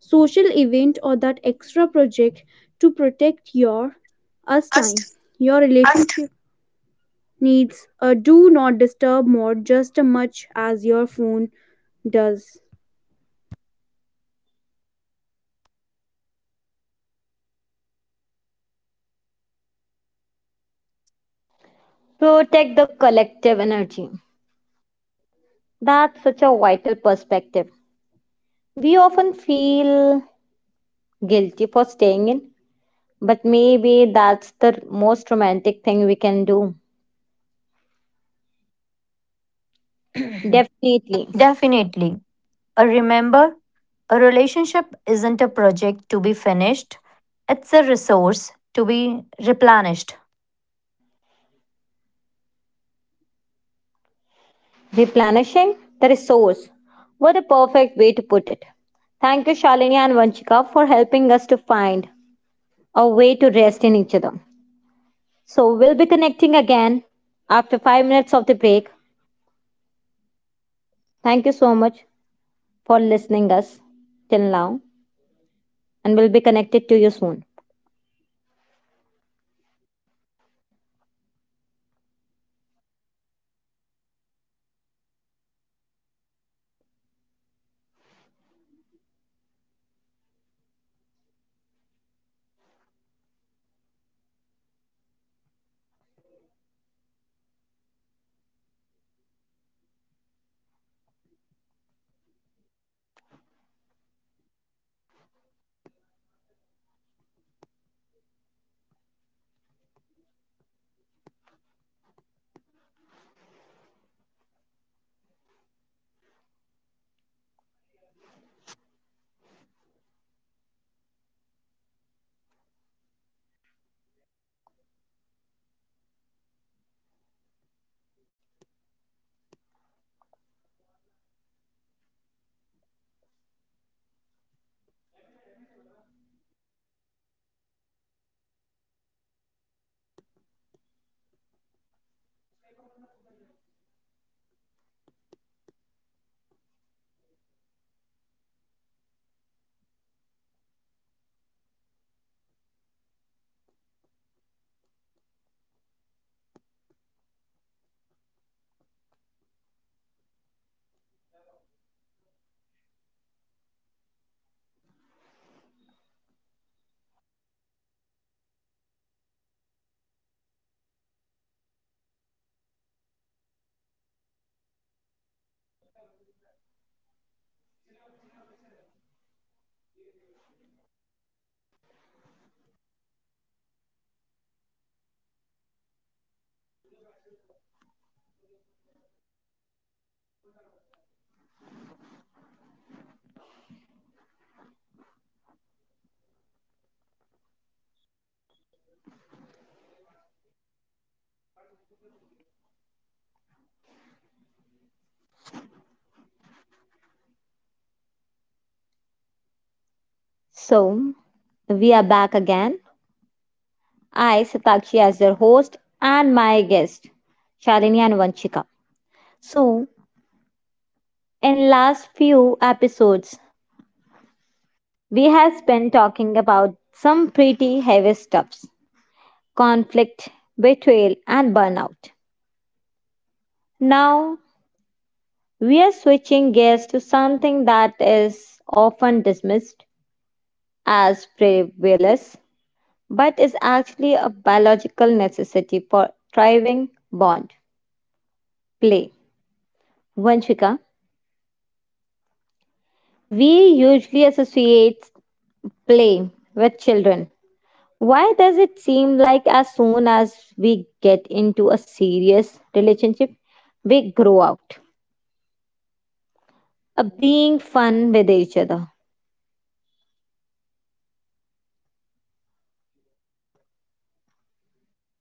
Speaker 3: social event or that extra project to protect your us time. Your relationship needs a do not disturb mode just as much as your phone does.
Speaker 4: Definitely. Remember, a relationship isn't a project to be finished, it's a resource to be replenished.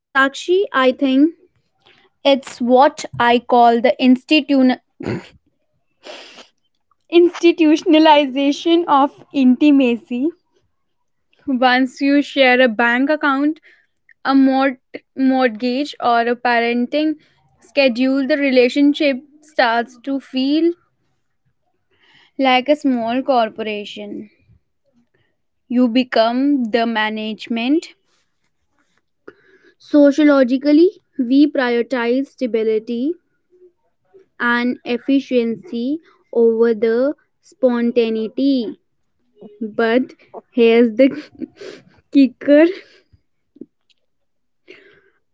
Speaker 3: Satakshi, I think it's what I call the institutionalization of intimacy. Once you share a bank account, a mortgage, or a parenting schedule, the relationship starts to feel like a small corporation. You become the management. Sociologically, we prioritize stability and efficiency over the spontaneity. But here's the kicker: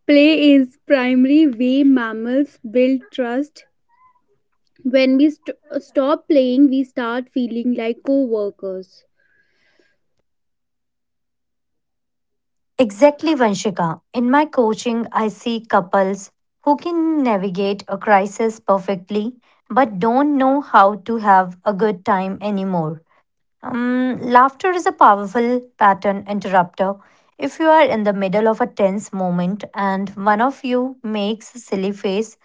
Speaker 3: play is the primary way mammals build trust. When we stop playing, we start feeling like co workers.
Speaker 4: Exactly, Vanshika. In my coaching, I see couples who can navigate a crisis perfectly but don't know how to have a good time anymore. Laughter is a powerful pattern interrupter. If you are in the middle of a tense moment and one of you makes a silly face,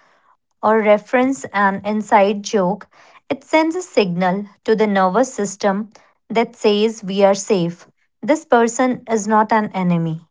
Speaker 4: or reference an inside joke, it sends a signal to the nervous system that says we are safe. This person is not an enemy.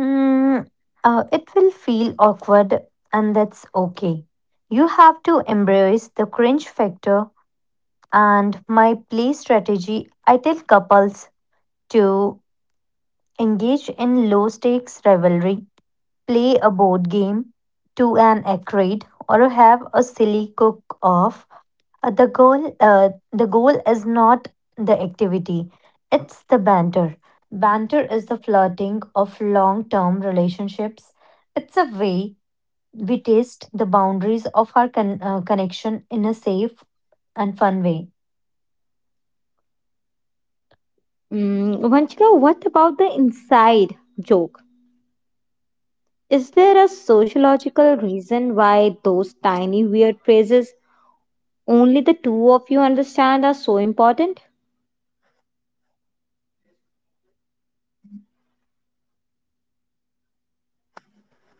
Speaker 4: Mm, it will feel awkward, and that's okay. You have to embrace the cringe factor. And my play strategy: I tell couples to engage in low stakes rivalry, play a board game to an accurate, or have a silly cook off. The goal is not the activity, it's the banter. Banter is the flirting of long term relationships. It's a way we test the boundaries of our connection in a safe and fun way.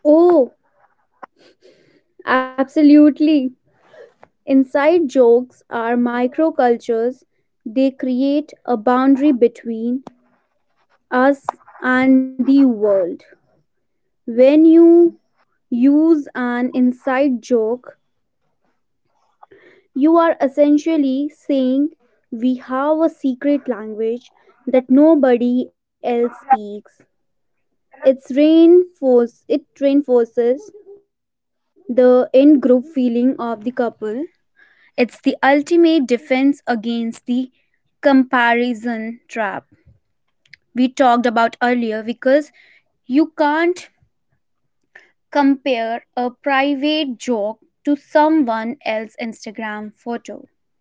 Speaker 3: Oh, absolutely. Inside jokes are microcultures. They create a boundary between us and the world. When you use an inside joke, you are essentially saying we have a secret language that nobody else speaks. It reinforces the in group feeling of the couple. It's the ultimate defense against the comparison trap we talked about earlier, because you can't compare a private joke to someone else's Instagram photo.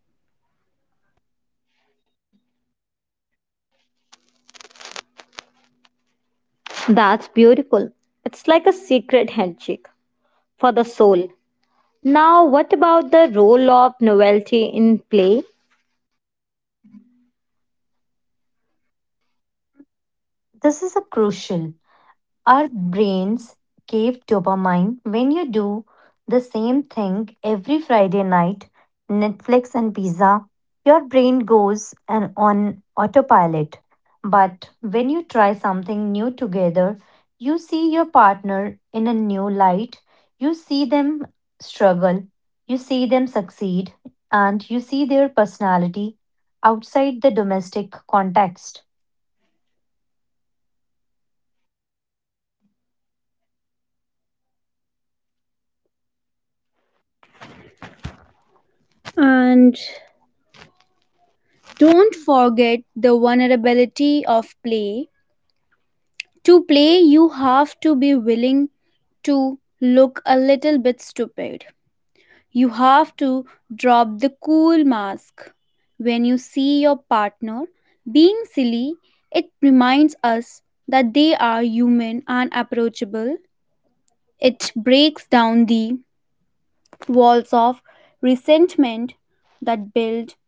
Speaker 4: This is a crucial. Our brains crave dopamine. When you do the same thing every Friday night, Netflix and pizza, your brain goes and on autopilot. But when you try something new together, you see your partner in a new light, you see them struggle, you see them succeed, and you see their personality outside the domestic context.
Speaker 3: And don't forget the vulnerability of play. To play, you have to be willing to look a little bit stupid. You have to drop the cool mask. When you see your partner being silly, it reminds us that they are human and approachable. It breaks down the walls of resentment that build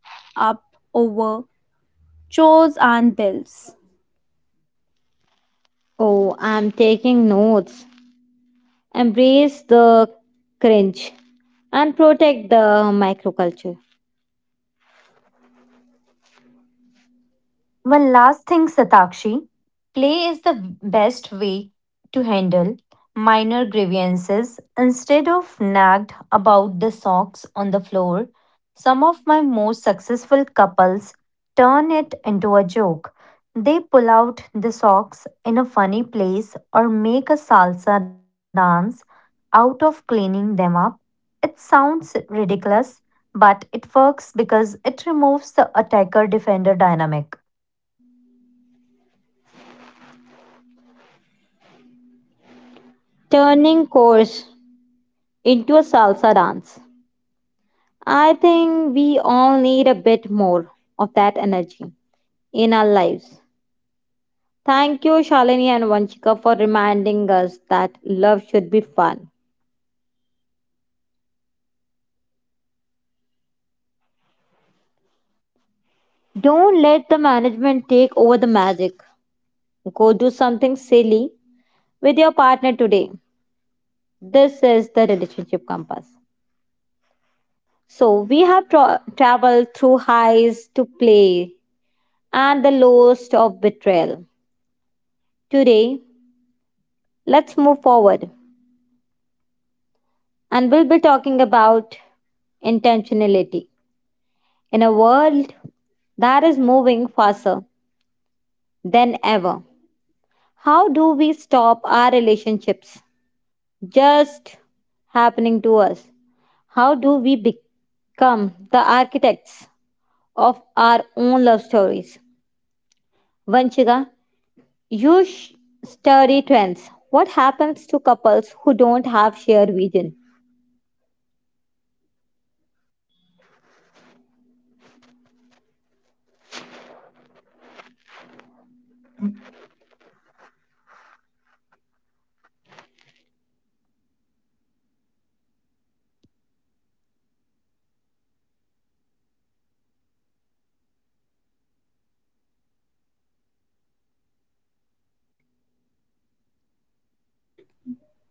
Speaker 3: up over chores and bills.
Speaker 4: One last thing, Satakshi. Play is the best way to handle minor grievances. Instead of nagged about the socks on the floor, some of my most successful couples turn it into a joke. They pull out the socks in a funny place or make a salsa dance out of cleaning them up. It sounds ridiculous, but it works because it removes the attacker defender dynamic.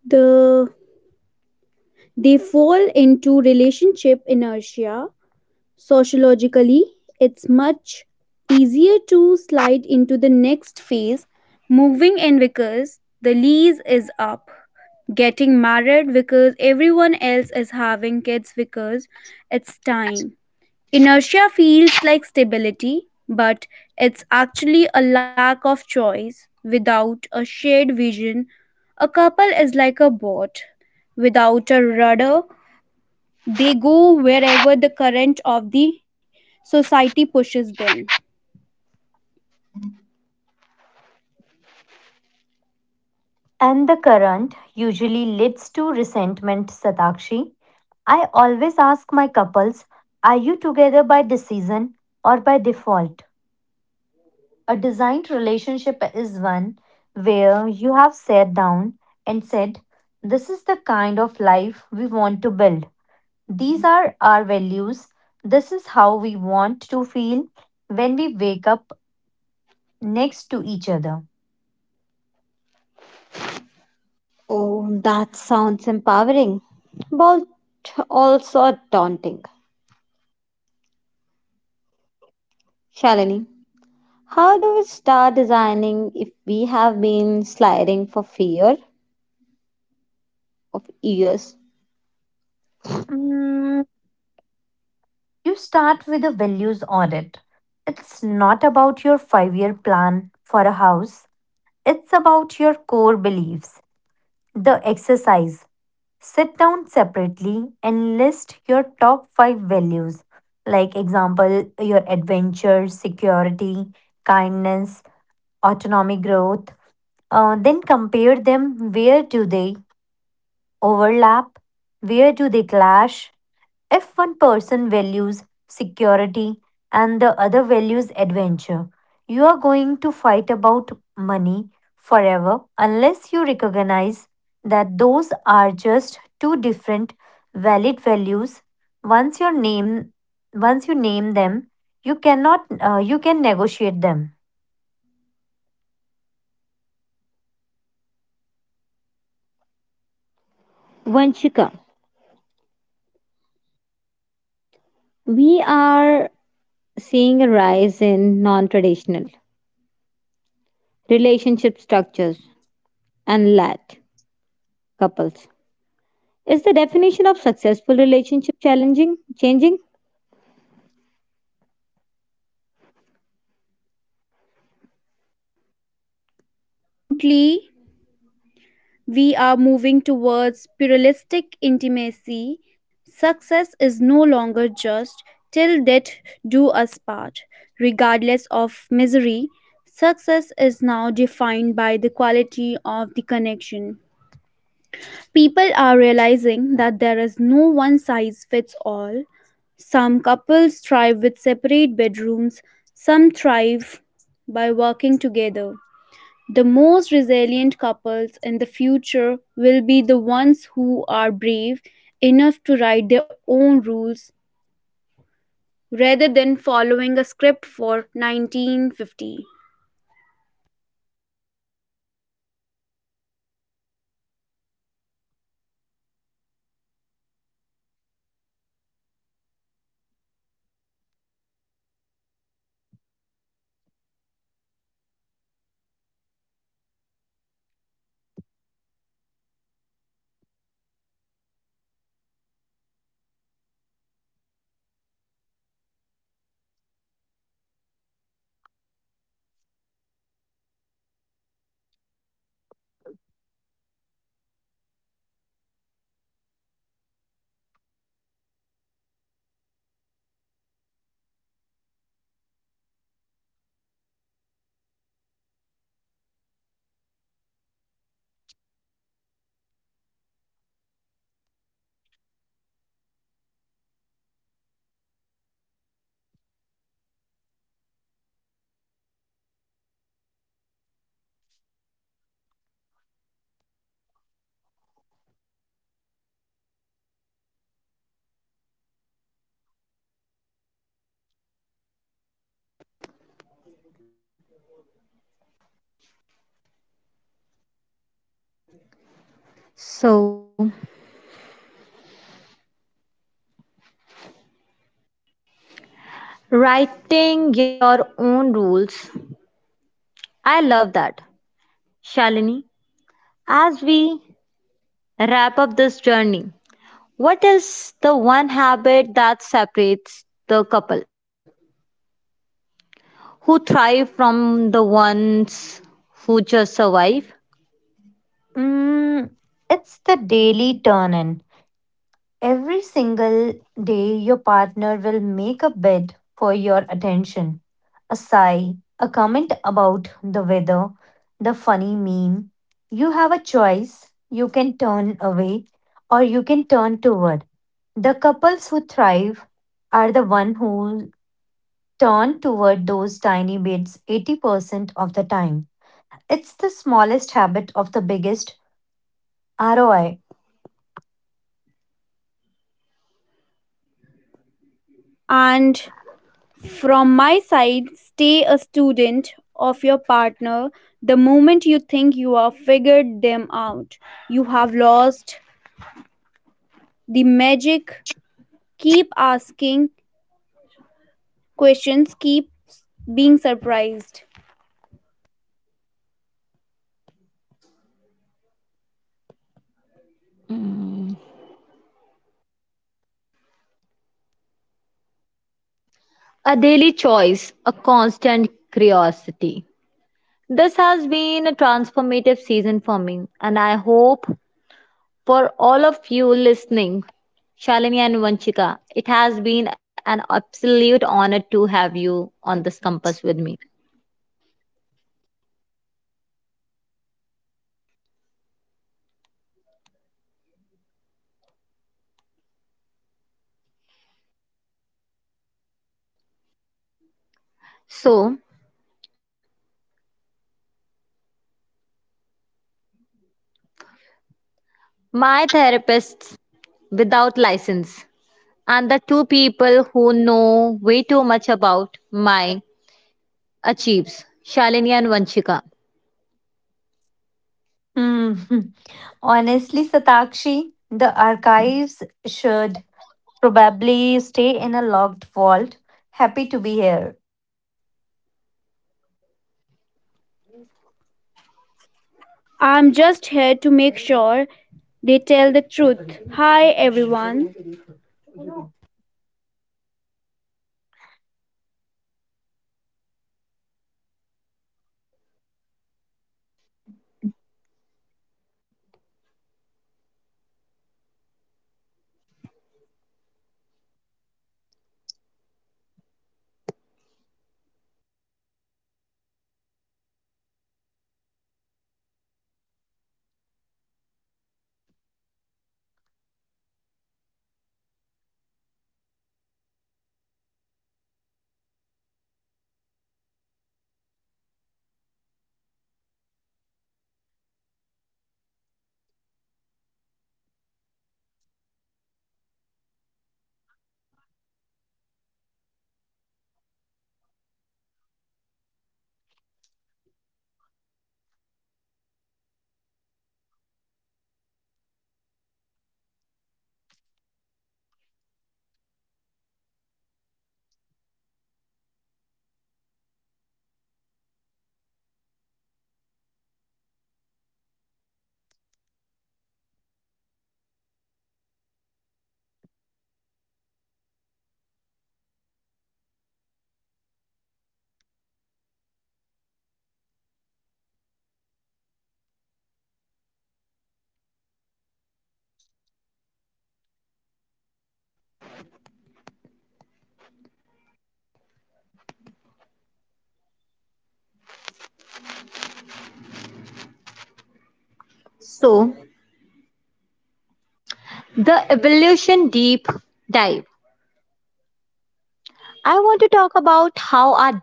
Speaker 3: The they fall into relationship inertia. Sociologically, it's much easier to slide into the next phase: moving in because the lease is up, getting married because everyone else is, having kids because it's time. Inertia feels like stability, but it's actually a lack of choice. Without a shared vision, a couple is like a boat without a rudder. They go wherever the current of the society pushes them.
Speaker 4: And the current usually leads to resentment, Satakshi. I always ask my couples, are you together by decision or by default? A designed relationship is one where you have sat down and said, this is the kind of life we want to build. These are our values. This is how we want to feel when we wake up next to each other. Mm, You start with a values audit. It's not about your 5 year plan for a house, it's about your core beliefs. The exercise: sit down separately and list your top five values, like example, your adventure, security, kindness, autonomic growth. Then compare them. Where do they overlap? Where do they clash? If one person values security and the other values adventure, you are going to fight about money forever unless you recognize that those are just two different valid values. Once you name Once you name them, you cannot you can negotiate them.
Speaker 3: Absolutely, we are moving towards pluralistic intimacy. Success is no longer just till death do us part, regardless of misery. Success is now defined by the quality of the connection. People are realizing that there is no one size fits all. Some couples thrive with separate bedrooms, some thrive by working together. The most resilient couples in the future will be the ones who are brave enough to write their own rules rather than following a script for 1950.
Speaker 1: so, writing your own rules. I love that. Shalini, as we wrap up this journey, what is the one habit that's
Speaker 4: Mm, it's the daily turn in. Every single day, your partner will make a bed for your attention. A sigh, a comment about the weather, the funny meme. You have a choice. You can turn away or you can turn toward. The couples who thrive are the one who turn toward those tiny bits 80% of the time. It's the smallest habit of the biggest ROI.
Speaker 3: And from my side, stay a student of your partner. The moment you think you have figured them out, you have lost the magic. Keep asking questions, keep being surprised.
Speaker 4: Mhm. Honestly, Satakshi, the archives should probably stay in a locked vault. Happy to be here.
Speaker 3: I'm just here to make sure they tell the truth. Hi everyone.
Speaker 1: so, the evolution deep dive. I want to talk about how our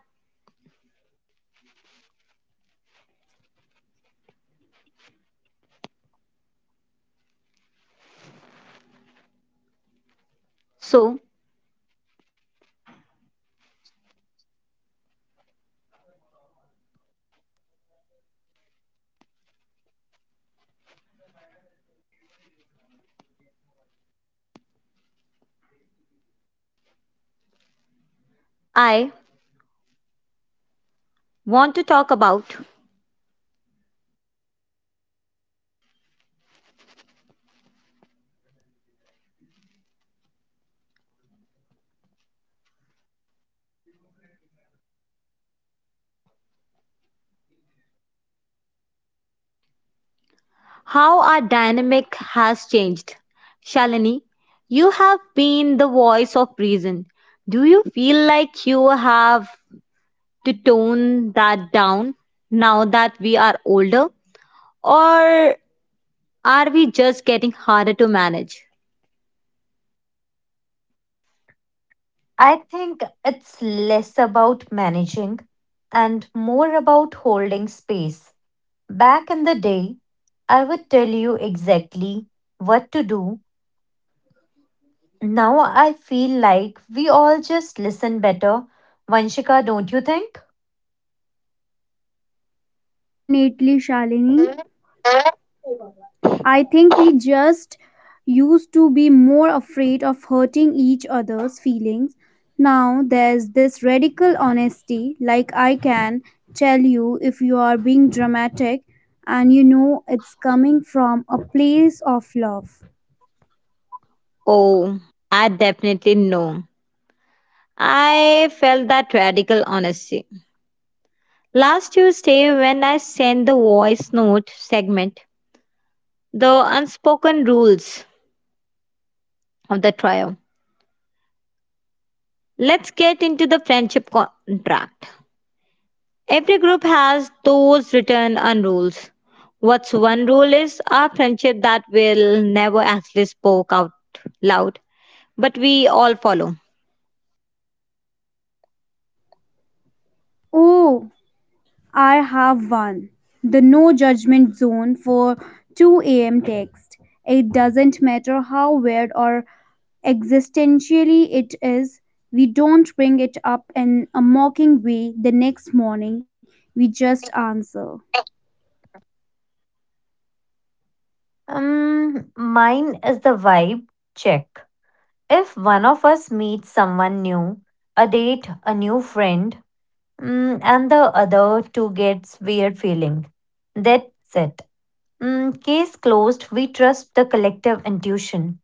Speaker 4: I think it's less about managing and more about holding space. Back in the day, I would tell you exactly what to do. Now I feel like we all just listen better. Vanshika, don't you think?
Speaker 3: Definitely, Shalini. I think we just used to be more afraid of hurting each other's feelings. Now there's this radical honesty, like I can tell you if you are being dramatic and you know it's coming from a place of love. Oh, I have one: the no judgment zone for 2 a.m. text. It doesn't matter how weird or existentially it is, we don't bring it up in a mocking way the next morning, we just answer.
Speaker 4: Mine is the vibe check. If one of us meets someone new, a date, a new friend, mm, and the other two gets weird feeling, that's it. Mm, case closed. We trust the collective intuition.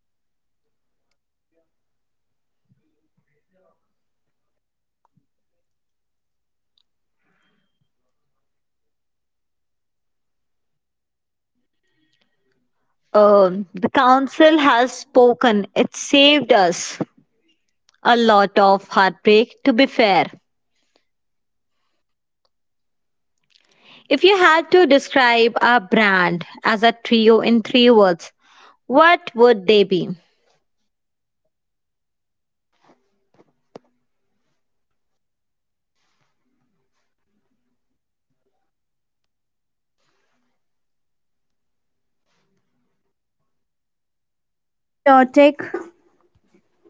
Speaker 3: Chaotic,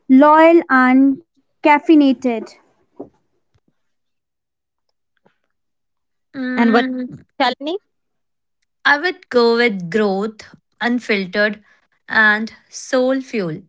Speaker 3: loyal, and caffeinated.
Speaker 4: Mm, I would go with growth, unfiltered, and soul fuel.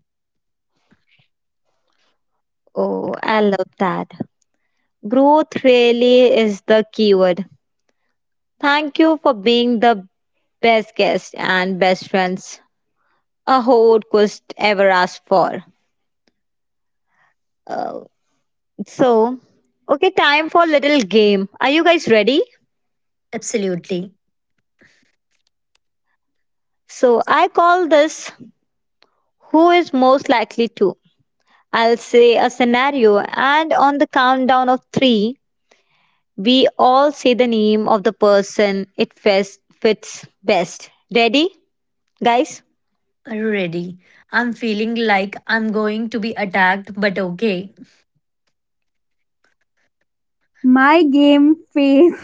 Speaker 4: Absolutely. Already. I'm feeling like I'm going to be attacked, but okay.
Speaker 3: My game face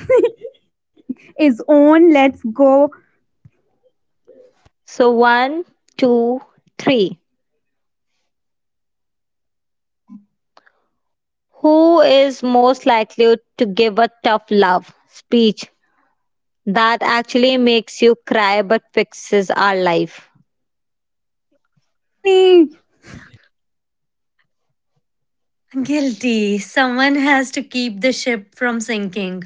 Speaker 3: is on. Let's go. Shalini,
Speaker 4: Guilty. Someone has to keep the ship from sinking.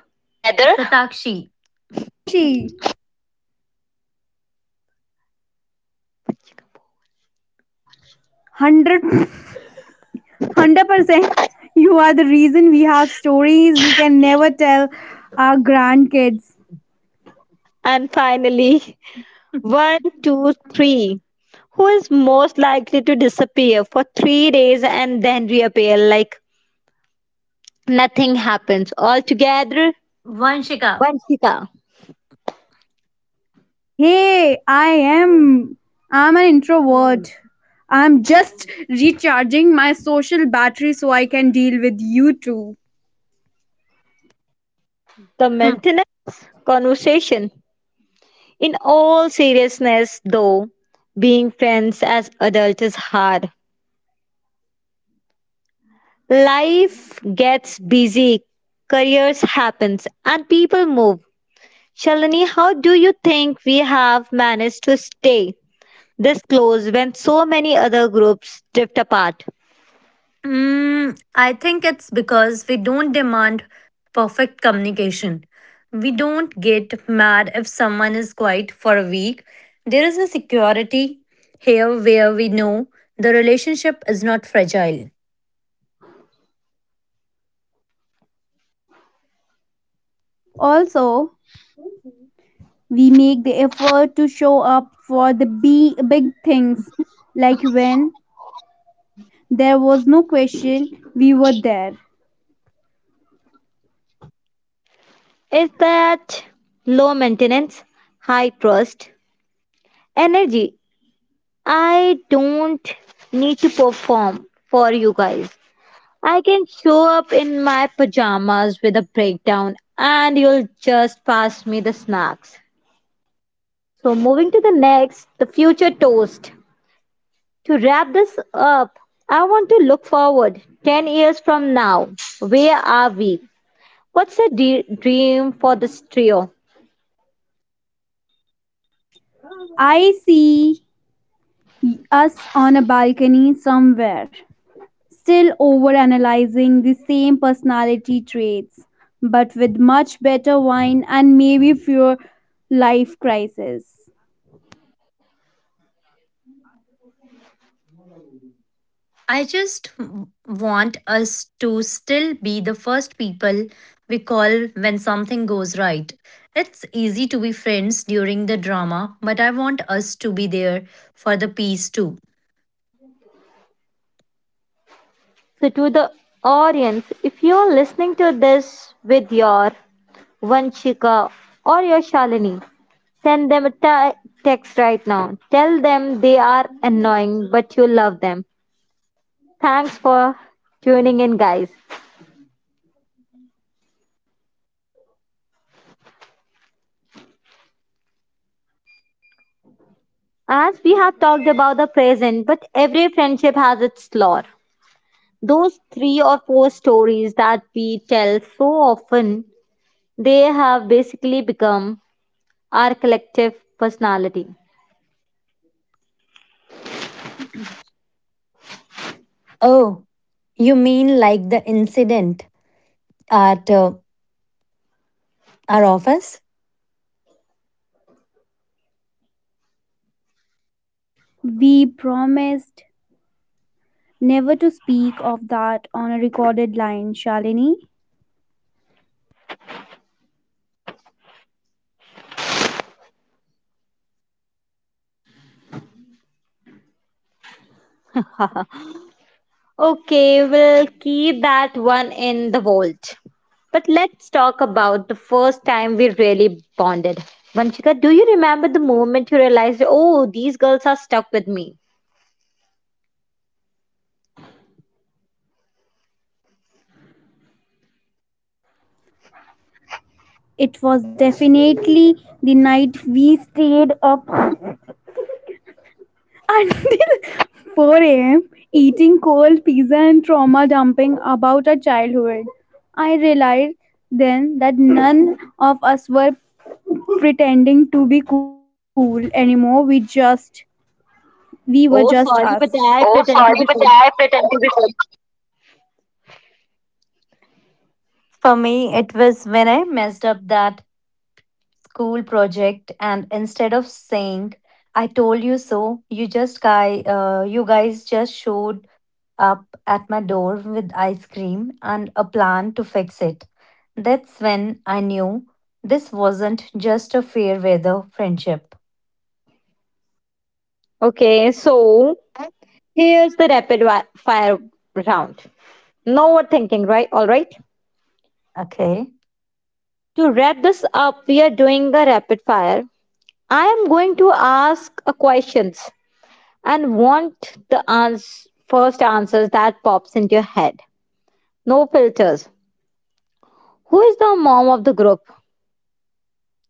Speaker 3: all together,
Speaker 4: Tatakshi.
Speaker 3: Satachi. 100, 100%, you are the reason we have stories we can never tell our grandkids.
Speaker 4: Vanshika.
Speaker 3: Hey i am i'm an introvert. I'm just recharging my social battery so I can deal with you two.
Speaker 4: Hmm. Mm, I think it's because we don't demand perfect communication. We don't get mad if someone is quiet for a week. There is a security here where we know the relationship is not fragile.
Speaker 3: Also, we make the effort to show up for the big things, like when there was no question, we were there. I see us on a balcony somewhere, still overanalyzing the same personality traits, but with much better wine and maybe fewer life crises.
Speaker 4: I just want us to still be the first people we call when something goes right. It's easy to be friends during the drama, but I want us to be there for the peace too. Oh, you mean like the incident at our office?
Speaker 3: We promised never to speak of that on a recorded line, Shalini. It was definitely the night we stayed up until 4 a.m. eating cold pizza and trauma dumping about our childhood. I realized then that none of us were pretending to be cool anymore. We were just us. Oh, sorry, but I pretend to be cool.
Speaker 4: For me, it was when I messed up that school project, and instead of saying, I told you so, you just you guys just showed up at my door with ice cream and a plan to fix it. That's when I knew this wasn't just a fair weather friendship. Okay.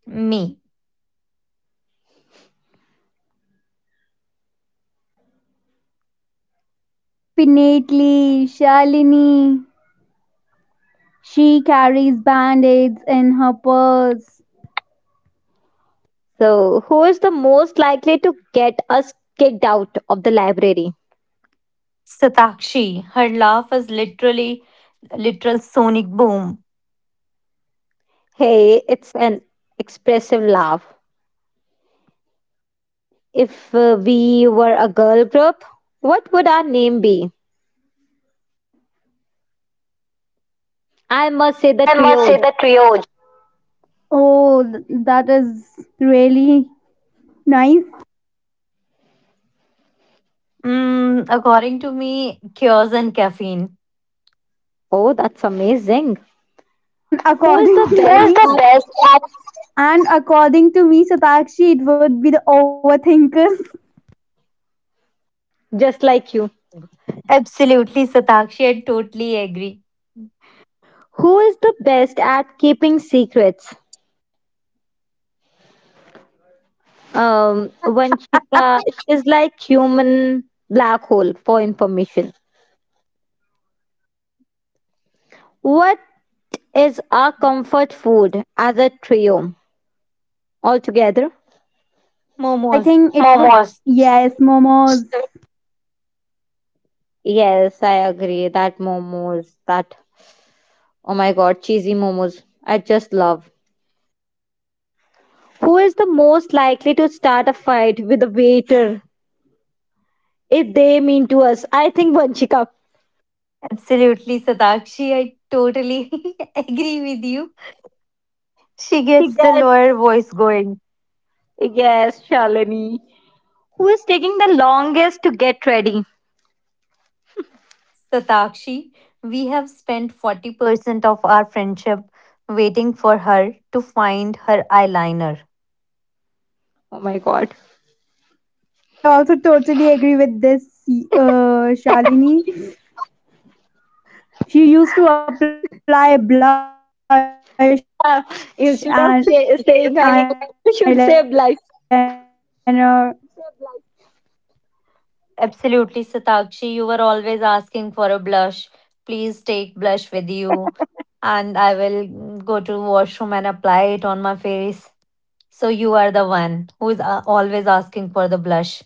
Speaker 4: Me.
Speaker 3: Definitely, Shalini. She carries band-aids in her purse.
Speaker 4: Satakshi. Her laugh is literally a literal sonic boom.
Speaker 3: I must say, the trio. Oh, that is really nice.
Speaker 4: Mm, according to me, cures and caffeine.
Speaker 3: And according to who is me, the best at, and according to me, Satakshi, it would be the overthinkers.
Speaker 4: Absolutely, Satakshi. I totally agree.
Speaker 3: I
Speaker 4: Momos.
Speaker 3: think it momos. Yes, momos.
Speaker 4: Absolutely, Satakshi. I totally agree with you. She gets the lawyer voice going. Satakshi, we have spent 40% of our friendship waiting for her to find her eyeliner.
Speaker 3: Yes, I also totally agree with this, Shalini. She used to apply blush and eyeliner.
Speaker 4: Yes, take my- Absolutely, Satakshi, you were always asking for a blush. Please take blush with you, and I will go to washroom and apply it on my face. So you are the one who is always asking for the blush.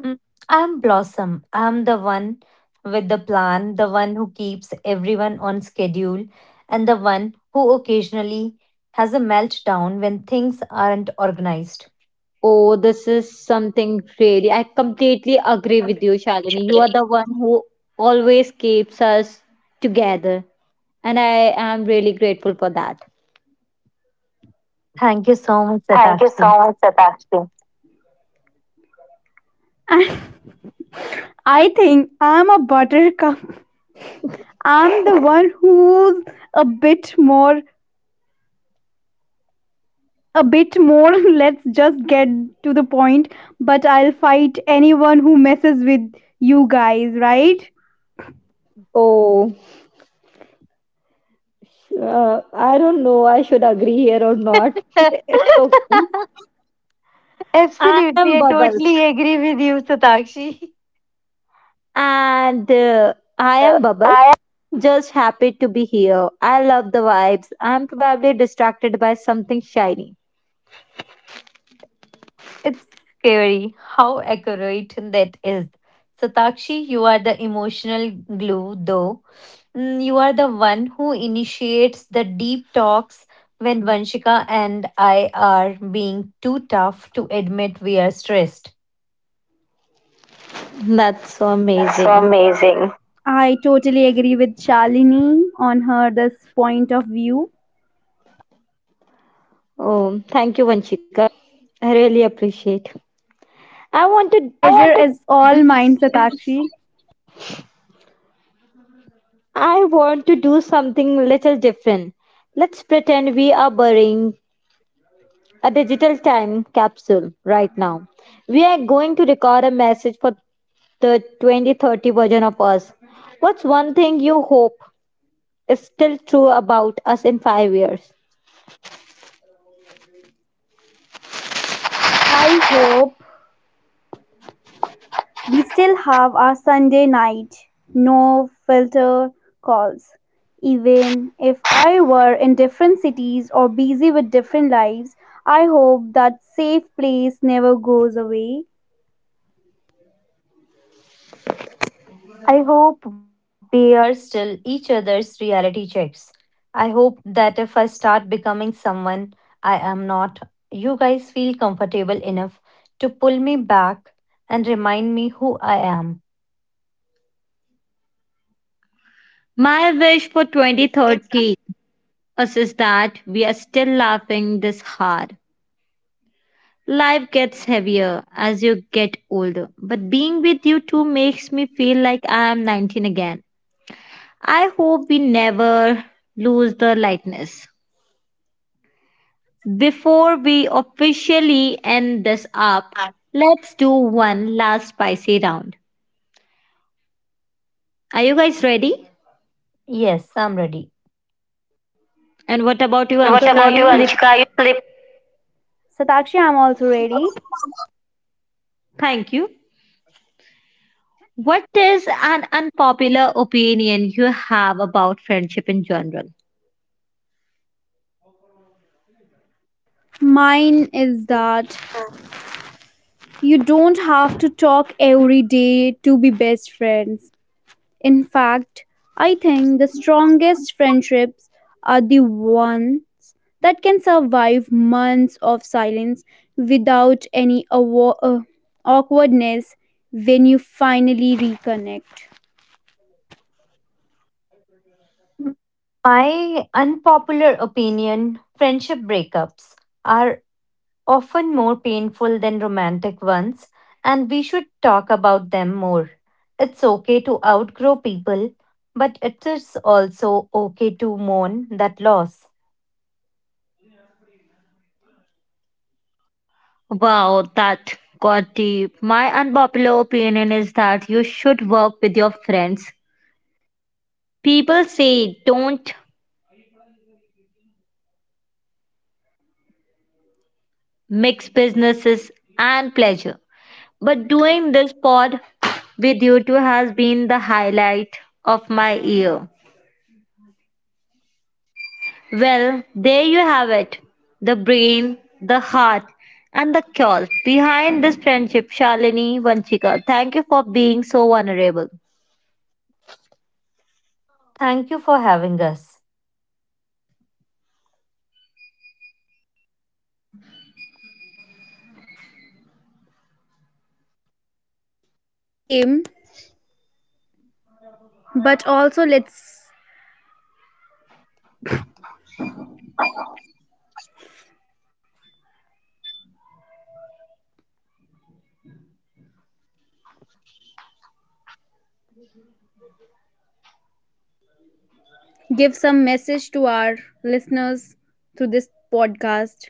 Speaker 4: Mm, I'm Blossom. I'm the one with the plan, the one who keeps everyone on schedule, and the one who occasionally has a meltdown when things aren't organized. Thank you so much,
Speaker 3: Thank you
Speaker 4: Satakshi.
Speaker 3: so much, Satakshi. I think I'm a buttercup. I'm the one who's a bit more, a bit more, let's just get to the point. But I'll fight anyone who messes with you guys, right?
Speaker 4: Absolutely, I totally agree with you, Satakshi.
Speaker 3: Yeah, I am.
Speaker 4: It's scary how accurate that is. Satakshi, you are the emotional glue, though. Mm, you are the one who initiates the deep talks when Vanshika and I are being too tough to admit we are stressed.
Speaker 3: Yes. That's so amazing. I totally agree with Shalini on her this point of view. Pleasure is all mine, Satakshi. I hope we still have our Sunday night, no filter calls. Even if I were in different cities or busy with different lives, I hope that safe place never goes away.
Speaker 4: I hope we are still each other's reality checks. I hope that if I start becoming someone I am not, you guys feel comfortable enough to pull me back and remind me who I am. Yes, I'm ready.
Speaker 3: I'm and what also about you, you, Anshika? You sleep? Satakshi, I'm also ready. Mine is that you don't have to talk every day to be best friends. In fact, I think the strongest friendships are the ones that can survive months of silence without any awkwardness when you finally reconnect.
Speaker 4: My unpopular opinion: friendship breakups are often more painful than romantic ones, and we should talk about them more. It's okay to outgrow people, but it is also okay to mourn that loss. Thank you for having us.
Speaker 3: Same, but also let's give some message to our listeners through this podcast.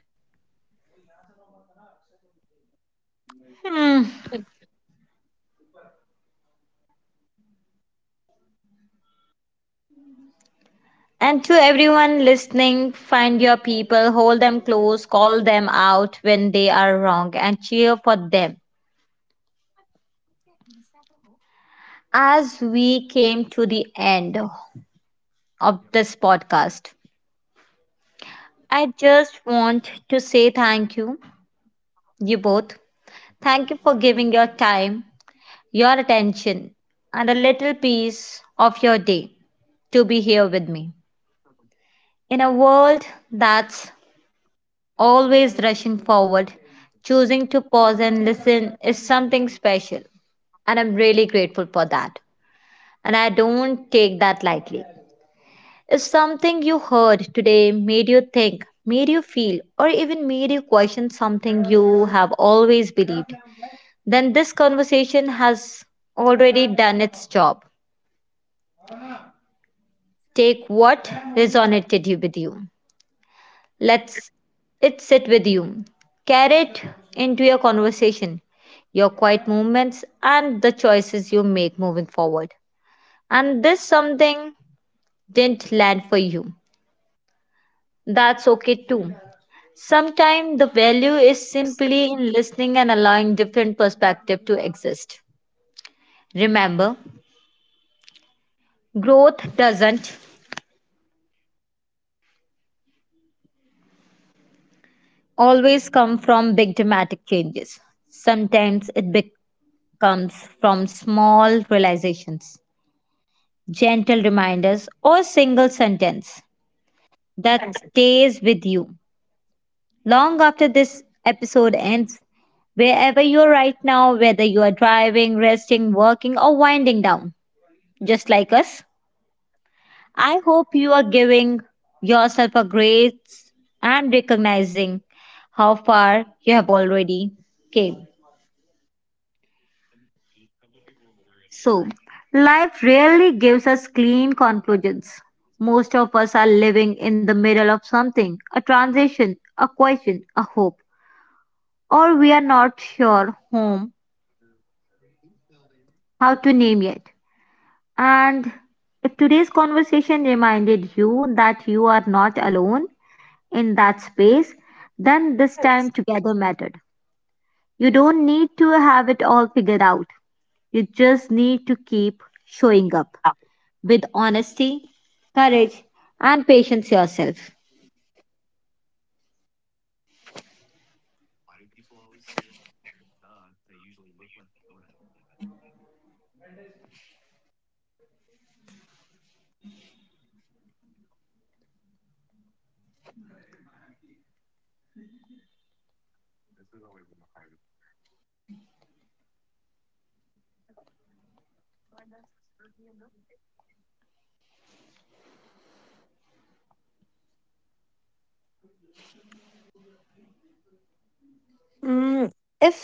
Speaker 4: Mm, if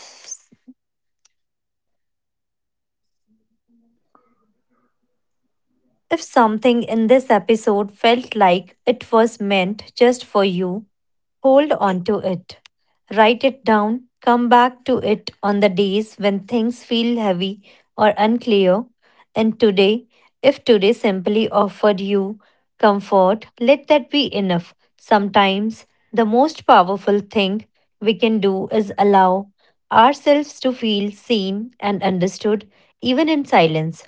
Speaker 4: if something in this episode felt like it was meant just for you, hold on to it. Write it down. Come back to it on the days when things feel heavy or unclear. And today, if today simply offered you comfort, let that be enough. Sometimes the most powerful thing we can do is allow ourselves to feel seen and understood, even in silence.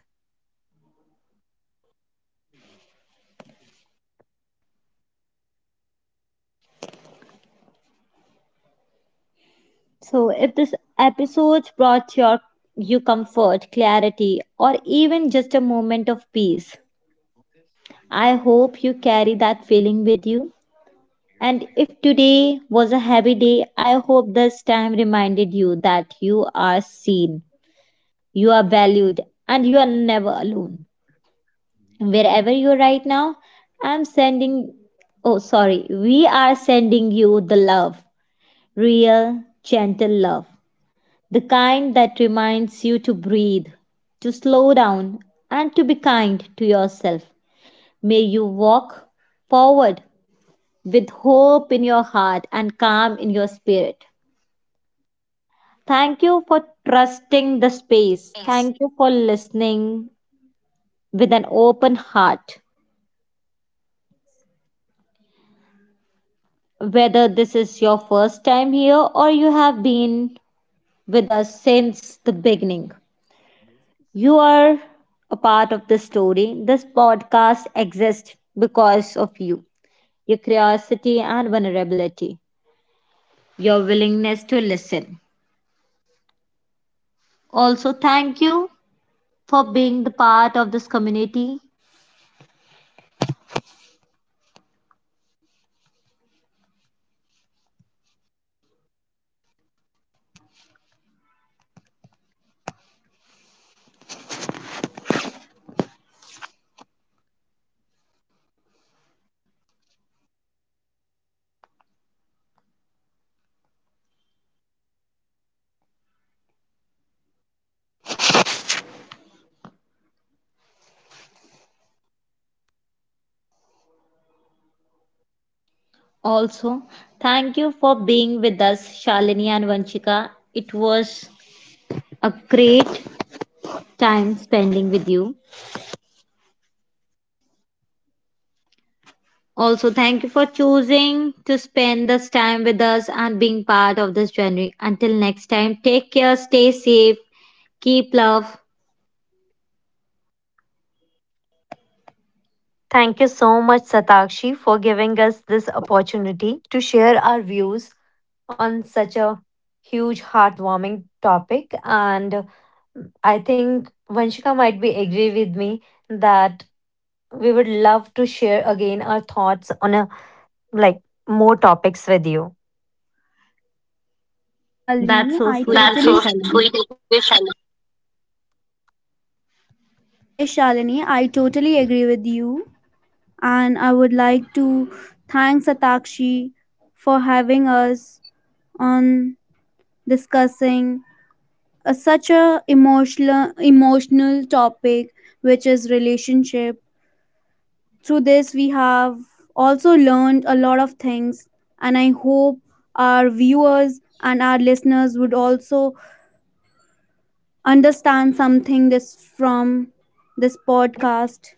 Speaker 4: Thank you so much, Satakshi, for giving us this opportunity to share our views on such a huge, heartwarming topic. And mm, I think Vanshika might be agree with me that we would love to share again our thoughts on a like more topics with you.
Speaker 3: Yes, Shalini, I totally. That's so sweet of you, Shalini. Yes, Shalini, I totally agree with you, and I would like to thank Satakshi for having us on, discussing such a emotional topic, which is relationship. Through this we have also learned a lot of things, and I hope our viewers and our listeners would also understand something this from this podcast.